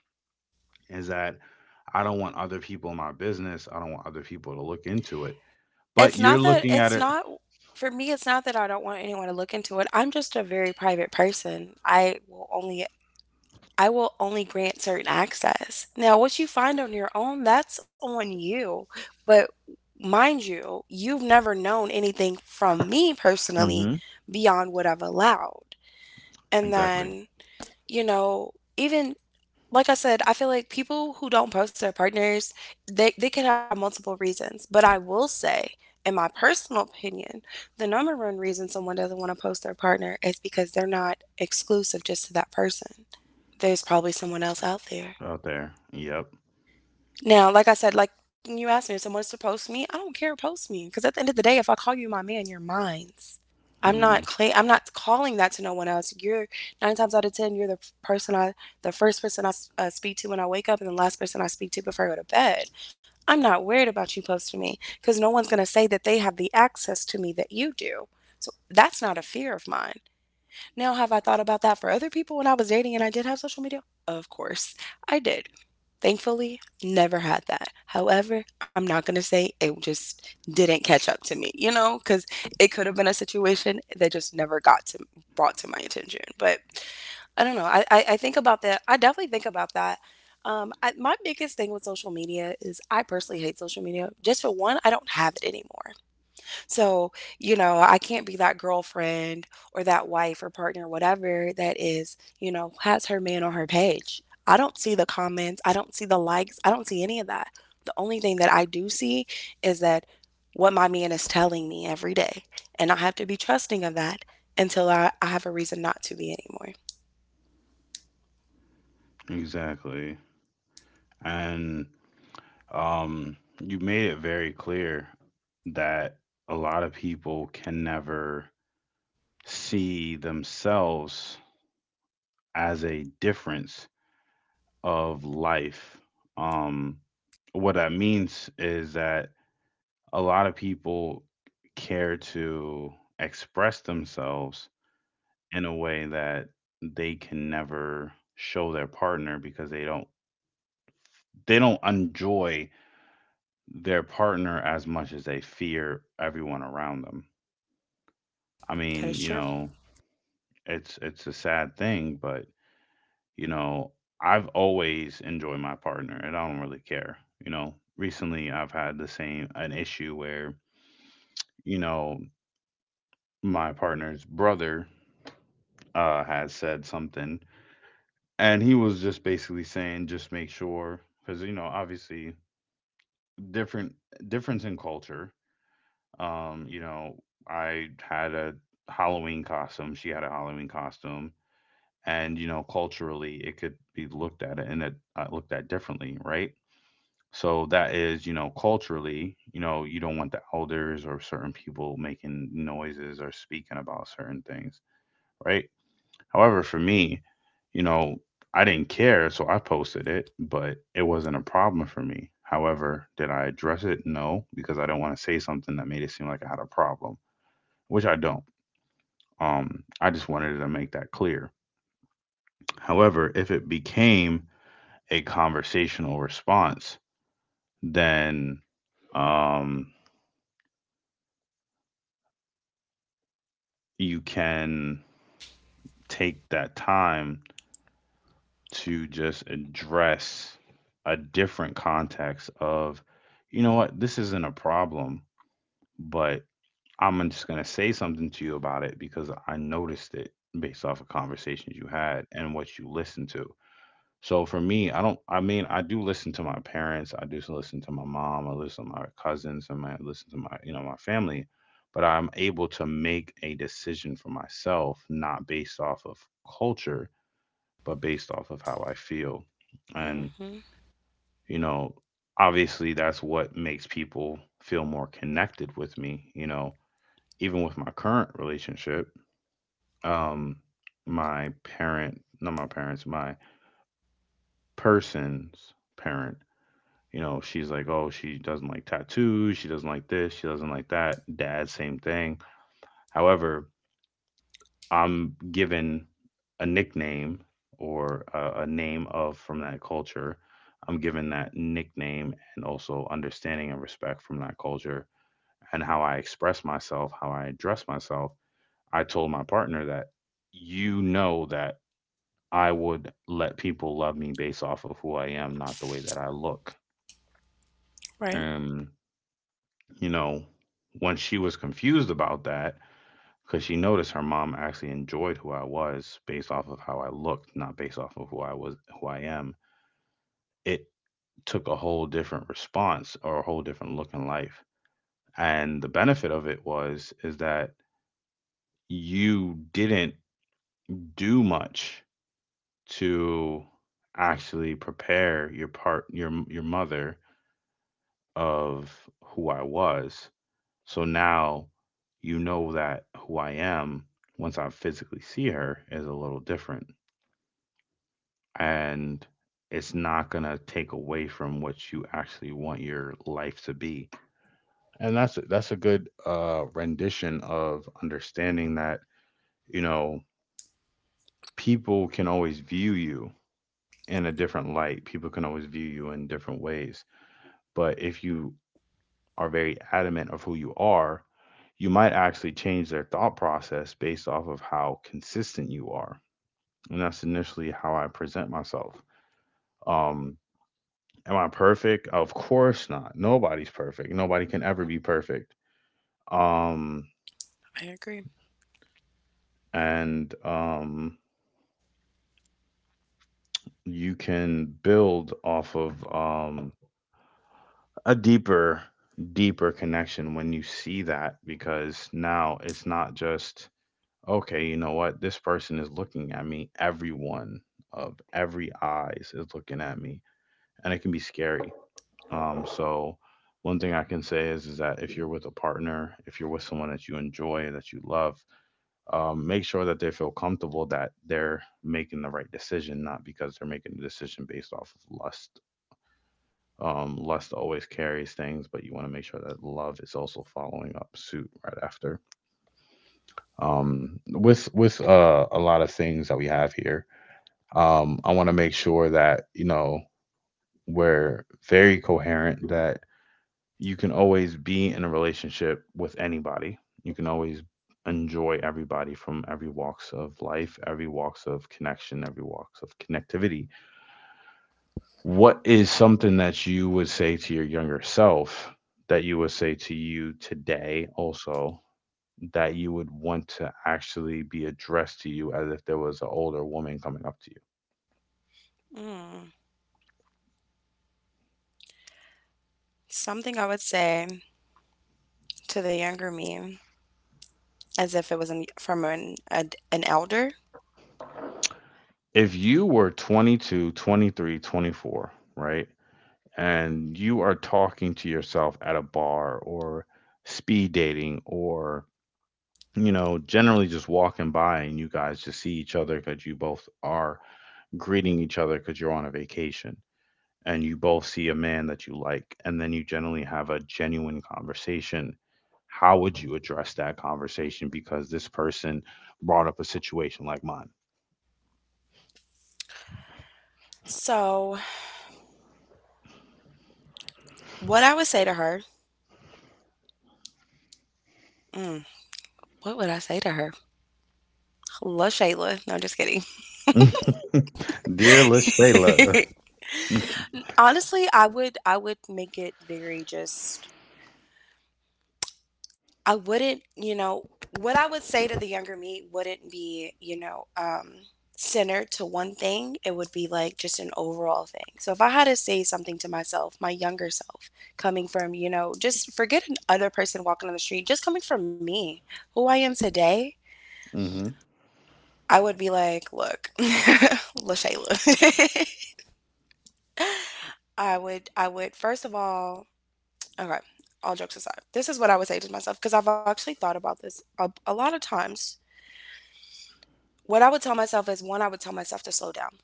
Speaker 1: is that I don't want other people in my business. I don't want other people to look into it. But
Speaker 2: It's
Speaker 1: you're
Speaker 2: not that
Speaker 1: looking at
Speaker 2: it's
Speaker 1: it.
Speaker 2: not for me it's not that I don't want anyone to look into it. I'm just a very private person. I will only I will only grant certain access. Now, what you find on your own, that's on you. But mind you, you've never known anything from me personally
Speaker 1: Hmm.
Speaker 2: beyond what I've allowed. And
Speaker 1: Exactly.
Speaker 2: then, you know, even like I said, I feel like people who don't post their partners, they, they could have multiple reasons. But I will say, in my personal opinion, the number one reason someone doesn't want to post their partner is because they're not exclusive just to that person. There's probably someone else out there.
Speaker 1: Out there. Yep.
Speaker 2: Now, like I said, like you asked me if someone's to post me, I don't care, post me, because at the end of the day, if I call you my man, you're mine. I'm not
Speaker 1: Hmm.
Speaker 2: claim I'm not calling that to no one else. You're nine times out of ten, you're the person I, the first person I uh, speak to when I wake up, and the last person I speak to before I go to bed. I'm not worried about you posting me because no one's gonna say that they have the access to me that you do. So that's not a fear of mine. Now, have I thought about that for other people when I was dating and I did have social media? Of course, I did. Thankfully, never had that. However, I'm not going to say it just didn't catch up to me, you know, because it could have been a situation that just never got to brought to my attention. But I don't know. I, I, I think about that. I definitely think about that. Um, I, my biggest thing with social media is I personally hate social media. Just for one, I don't have it anymore. So, you know, I can't be that girlfriend or that wife or partner, whatever that is, you know, has her man on her page. I don't see the comments, I don't see the likes, I don't see any of that. The only thing that I do see is that what my man is telling me every day. And I have to be trusting of that until I, I have a reason not to be anymore.
Speaker 1: Exactly. And um, you made it very clear that a lot of people can never see themselves as a difference of life. Um, what that means is that a lot of people care to express themselves in a way that they can never show their partner because they don't they don't enjoy their partner as much as they fear everyone around them. I
Speaker 2: That is
Speaker 1: mean, you
Speaker 2: true.
Speaker 1: know, it's it's a sad thing, but you know, I've always enjoyed my partner and I don't really care. You know, recently I've had the same an issue where, you know, my partner's brother uh has said something and he was just basically saying just make sure cuz you know, obviously different difference in culture. Um, you know, I had a Halloween costume. She had a Halloween costume, and you know, culturally, it could be looked at and it uh, looked at differently, right? So that is, you know, culturally, you know, you don't want the elders or certain people making noises or speaking about certain things, right? However, for me, you know, I didn't care, so I posted it, but it wasn't a problem for me. However, did I address it? No, because I don't want to say something that made it seem like I had a problem, which I don't. Um, I just wanted to make that clear. However, if it became a conversational response, then um, you can take that time to just address a different context of, you know what, this isn't a problem, but I'm just going to say something to you about it because I noticed it based off of conversations you had and what you listened to. So for me, I don't. I mean, I do listen to my parents. I do listen to my mom. I listen to my cousins, and I listen to my you know my family. But I'm able to make a decision for myself, not based off of culture, but based off of how I feel. And
Speaker 2: Hmm.
Speaker 1: you know, obviously, that's what makes people feel more connected with me. You know, even with my current relationship, um, my parent, not my parents, my person's parent. You know, she's like, oh, she doesn't like tattoos. She doesn't like this. She doesn't like that. Dad, same thing. However, I'm given a nickname or a, a name of from that culture. I'm given that nickname and also understanding and respect from that culture and how I express myself, how I address myself. I told my partner that you know that I would let people love me based off of who I am, not the way that I look.
Speaker 2: Right.
Speaker 1: Um, you know, when she was confused about that, because she noticed her mom actually enjoyed who I was based off of how I looked, not based off of who I was, who I am. It took a whole different response or a whole different look in life. And the benefit of it was is that you didn't do much to actually prepare your part your your mother of who I was. So now you know that who I am once I physically see her is a little different. And it's not going to take away from what you actually want your life to be. And that's that's a good uh rendition of understanding that, you know, people can always view you in a different light. People can always view you in different ways. But if you are very adamant of who you are, you might actually change their thought process based off of how consistent you are. And that's initially how I present myself. Um, am I perfect? Of course not. Nobody's perfect. Nobody can ever be perfect. Um,
Speaker 2: I agree.
Speaker 1: and um, you can build off of um, a deeper, deeper connection when you see that because now it's not just okay, you know what? This person is looking at me. Everyone of every eyes is looking at me, and it can be scary. Um, so one thing I can say is is that if you're with a partner, if you're with someone that you enjoy, that you love, um, make sure that they feel comfortable that they're making the right decision, not because they're making the decision based off of lust. Um, lust always carries things, but you want to make sure that love is also following up suit right after um, with with uh, a lot of things that we have here. Um, I want to make sure that you know we're very coherent. That you can always be in a relationship with anybody. You can always enjoy everybody from every walks of life, every walks of connection, every walks of connectivity. What is something that you would say to your younger self that you would say to you today also that you would want to actually be addressed to you as if there was an older woman coming up to you?
Speaker 2: Mm. Something I would say to the younger me, as if it was an, from an, an an elder.
Speaker 1: If you were twenty-two, twenty-three, twenty-four, right? And you are talking to yourself at a bar or speed dating or, you know, generally just walking by and you guys just see each other because you both are greeting each other because you're on a vacation and you both see a man that you like and then you generally have a genuine conversation. How would you address that conversation? Because this person brought up a situation like mine.
Speaker 2: So, what I would say to her, mm, what would I say to her? Hello, Shayla. No, I'm just kidding.
Speaker 1: Dear Lashayla. Mm.
Speaker 2: Honestly, I would I would make it very just I wouldn't, you know, what I would say to the younger me wouldn't be, you know, um centered to one thing. It would be like just an overall thing. So if I had to say something to myself, my younger self, coming from, you know, just forget another person walking on the street, just coming from me, who I am today,
Speaker 1: Mm-hmm.
Speaker 2: I would be like, "Look, LaShayla." I would I would first of all, okay, all jokes aside. This is what I would say to myself because I've actually thought about this a, a lot of times. What I would tell myself is, one, I would tell myself to slow down.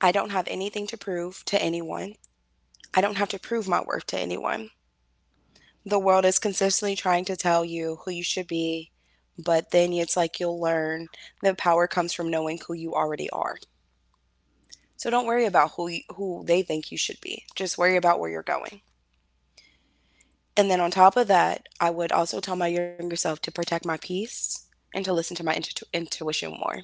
Speaker 2: I don't have anything to prove to anyone. I don't have to prove my worth to anyone. The world is consistently trying to tell you who you should be, but then it's like you'll learn the power comes from knowing who you already are. So don't worry about who you, who they think you should be. Just worry about where you're going. And then on top of that, I would also tell my younger self to protect my peace and to listen to my intu- intuition more.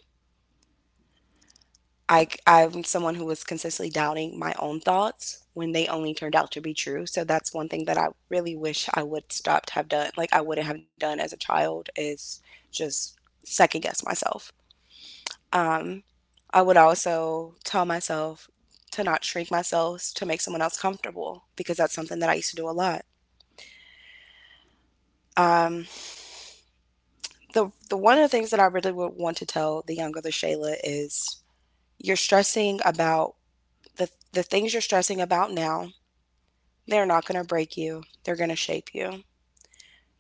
Speaker 2: I, I'm someone who was consistently doubting my own thoughts when they only turned out to be true. So that's one thing that I really wish I would stop to have done, like I wouldn't have done as a child, is just second guess myself. I would also tell myself to not shrink myself to make someone else comfortable because that's something that I used to do a lot. the the one of the things that I really would want to tell the younger the Shayla is you're stressing about the the things you're stressing about now. They're not going to break you. They're going to shape you.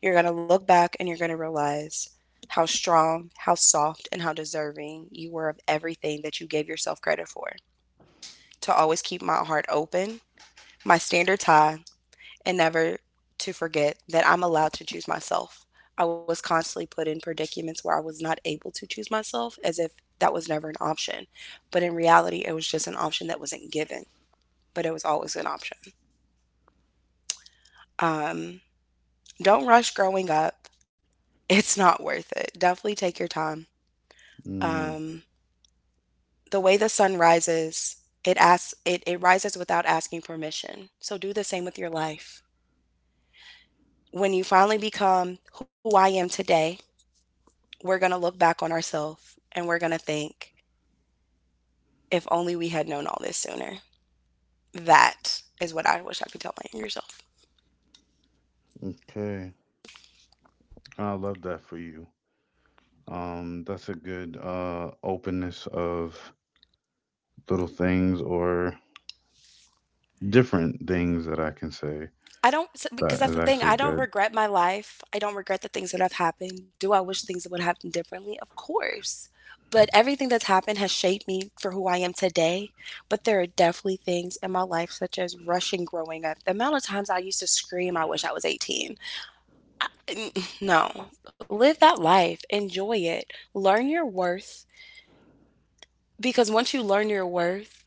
Speaker 2: You're going to look back and you're going to realize how strong, how soft, and how deserving you were of everything that you gave yourself credit for. To always keep my heart open, my standards high, and never to forget that I'm allowed to choose myself. I was constantly put in predicaments where I was not able to choose myself, as if that was never an option. But in reality, it was just an option that wasn't given, but it was always an option. Um, don't rush growing up, it's not worth it. Definitely take your time.
Speaker 1: Mm.
Speaker 2: Um, the way the sun rises, it asks it, it rises without asking permission. So do the same with your life. When you finally become who I am today, we're going to look back on ourselves and we're going to think, if only we had known all this sooner. That is what I wish I could tell my younger self.
Speaker 1: Okay. I love that for you. Um, that's a good uh openness of little things or different things that I can say.
Speaker 2: I don't, because
Speaker 1: That
Speaker 2: that's
Speaker 1: is
Speaker 2: the thing.
Speaker 1: actually
Speaker 2: I don't
Speaker 1: good.
Speaker 2: regret my life. I don't regret the things that have happened. Do I wish things would have happened differently? Of course. But everything that's happened has shaped me for who I am today. But there are definitely things in my life, such as rushing growing up. The amount of times I used to scream, I wish I was eighteen. No, live that life, enjoy it, learn your worth. Because once you learn your worth,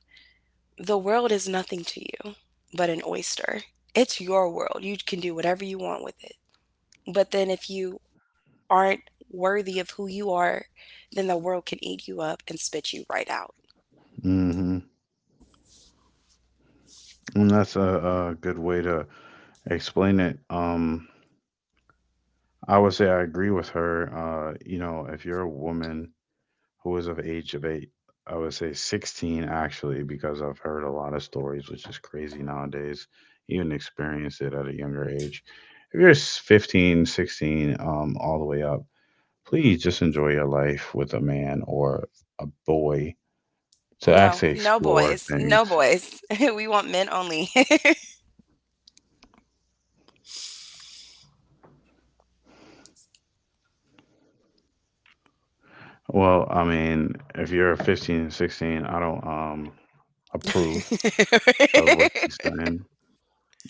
Speaker 2: the world is nothing to you but an oyster. It's your world. You can do whatever you want with it. But then if you aren't worthy of who you are, then the world can eat you up and spit you right out.
Speaker 1: Mm-hmm. And that's a, a good way to explain it. Um, I would say I agree with her. Uh, you know, if you're a woman who was of age of eight, I would say sixteen actually, because I've heard a lot of stories, which is crazy nowadays, even experienced it at a younger age. If you're s- fifteen, sixteen, um, all the way up, please just enjoy your life with a man or a boy to
Speaker 2: No,
Speaker 1: actually
Speaker 2: no
Speaker 1: explore
Speaker 2: boys.
Speaker 1: things.
Speaker 2: No boys. We want men only. I
Speaker 1: Well, I mean, if you're fifteen, sixteen, I don't um approve of what she's saying.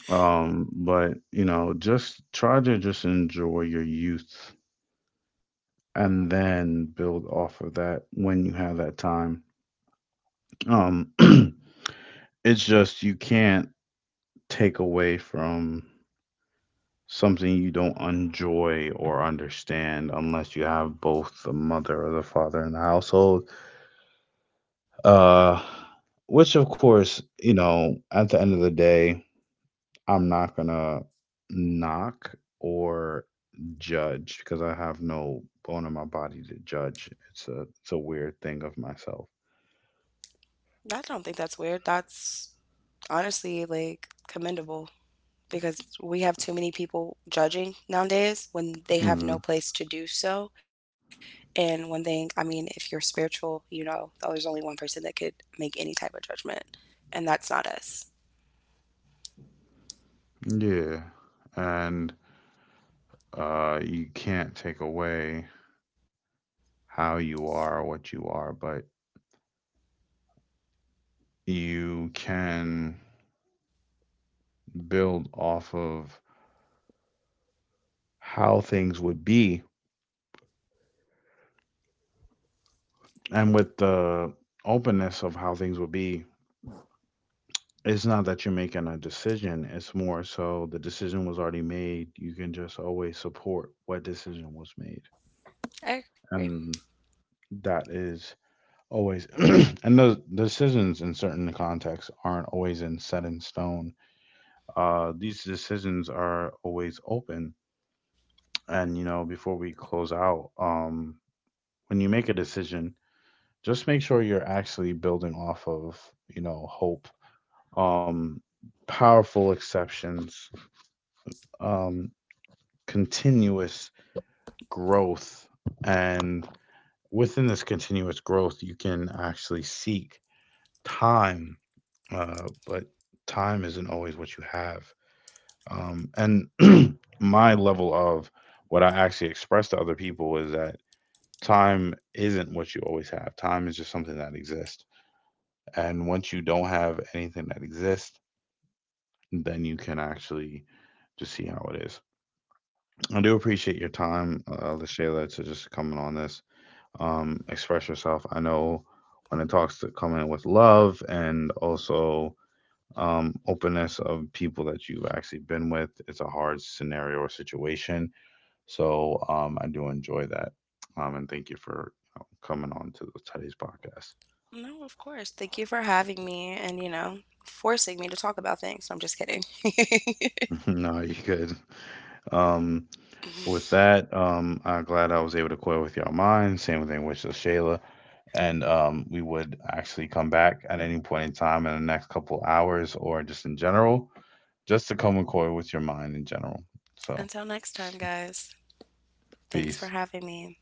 Speaker 1: Um, but you know, just try to just enjoy your youth and then build off of that when you have that time. Um, it's just you can't take away from something you don't enjoy or understand unless you have both the mother or the father in the household. Uh, which, of course, you know, at the end of the day, I'm not gonna knock or judge because I have no bone in my body to judge. It's a it's a weird thing of myself.
Speaker 2: don't think that's weird. That's honestly like commendable, because we have too many people judging nowadays when they have
Speaker 1: Mm-hmm.
Speaker 2: no place to do so. And one thing, I mean, if you're spiritual, you know, oh, there's only one person that could make any type of judgment, and that's not us.
Speaker 1: Yeah. And uh, you can't take away how you are or what you are, but you can build off of how things would be. And with the openness of how things would be, it's not that you're making a decision, it's more so the decision was already made. You can just always support what decision was made.
Speaker 2: I agree.
Speaker 1: And that is always, and those decisions in certain contexts aren't always in set in stone. Uh, these decisions are always open. And you know, before we close out, um, when you make a decision, just make sure you're actually building off of you know hope, um, powerful exceptions, um, continuous growth, and within this continuous growth, you can actually seek time. Uh, but time isn't always what you have. Um, and my level of what I actually express to other people is that time isn't what you always have. Time is just something that exists. And once you don't have anything that exists, then you can actually just see how it is. I do appreciate your time, uh, Lashayla, to just coming on this, um, express yourself. I know when it talks to coming in with love and also um, openness of people that you've actually been with, it's a hard scenario or situation. So um, I do enjoy that, um, and thank you for you know, coming on to the today's podcast.
Speaker 2: No, of course. Thank you for having me and, you know, forcing me to talk about things. I'm just kidding.
Speaker 1: No, you good. Um, with that, um, I'm glad I was able to coil with y'all mind. Same thing with Shayla, and um, we would actually come back at any point in time in the next couple hours, or just in general, just to come and coil with your mind in general. So,
Speaker 2: Until next time, guys, thanks
Speaker 1: peace.
Speaker 2: for having me.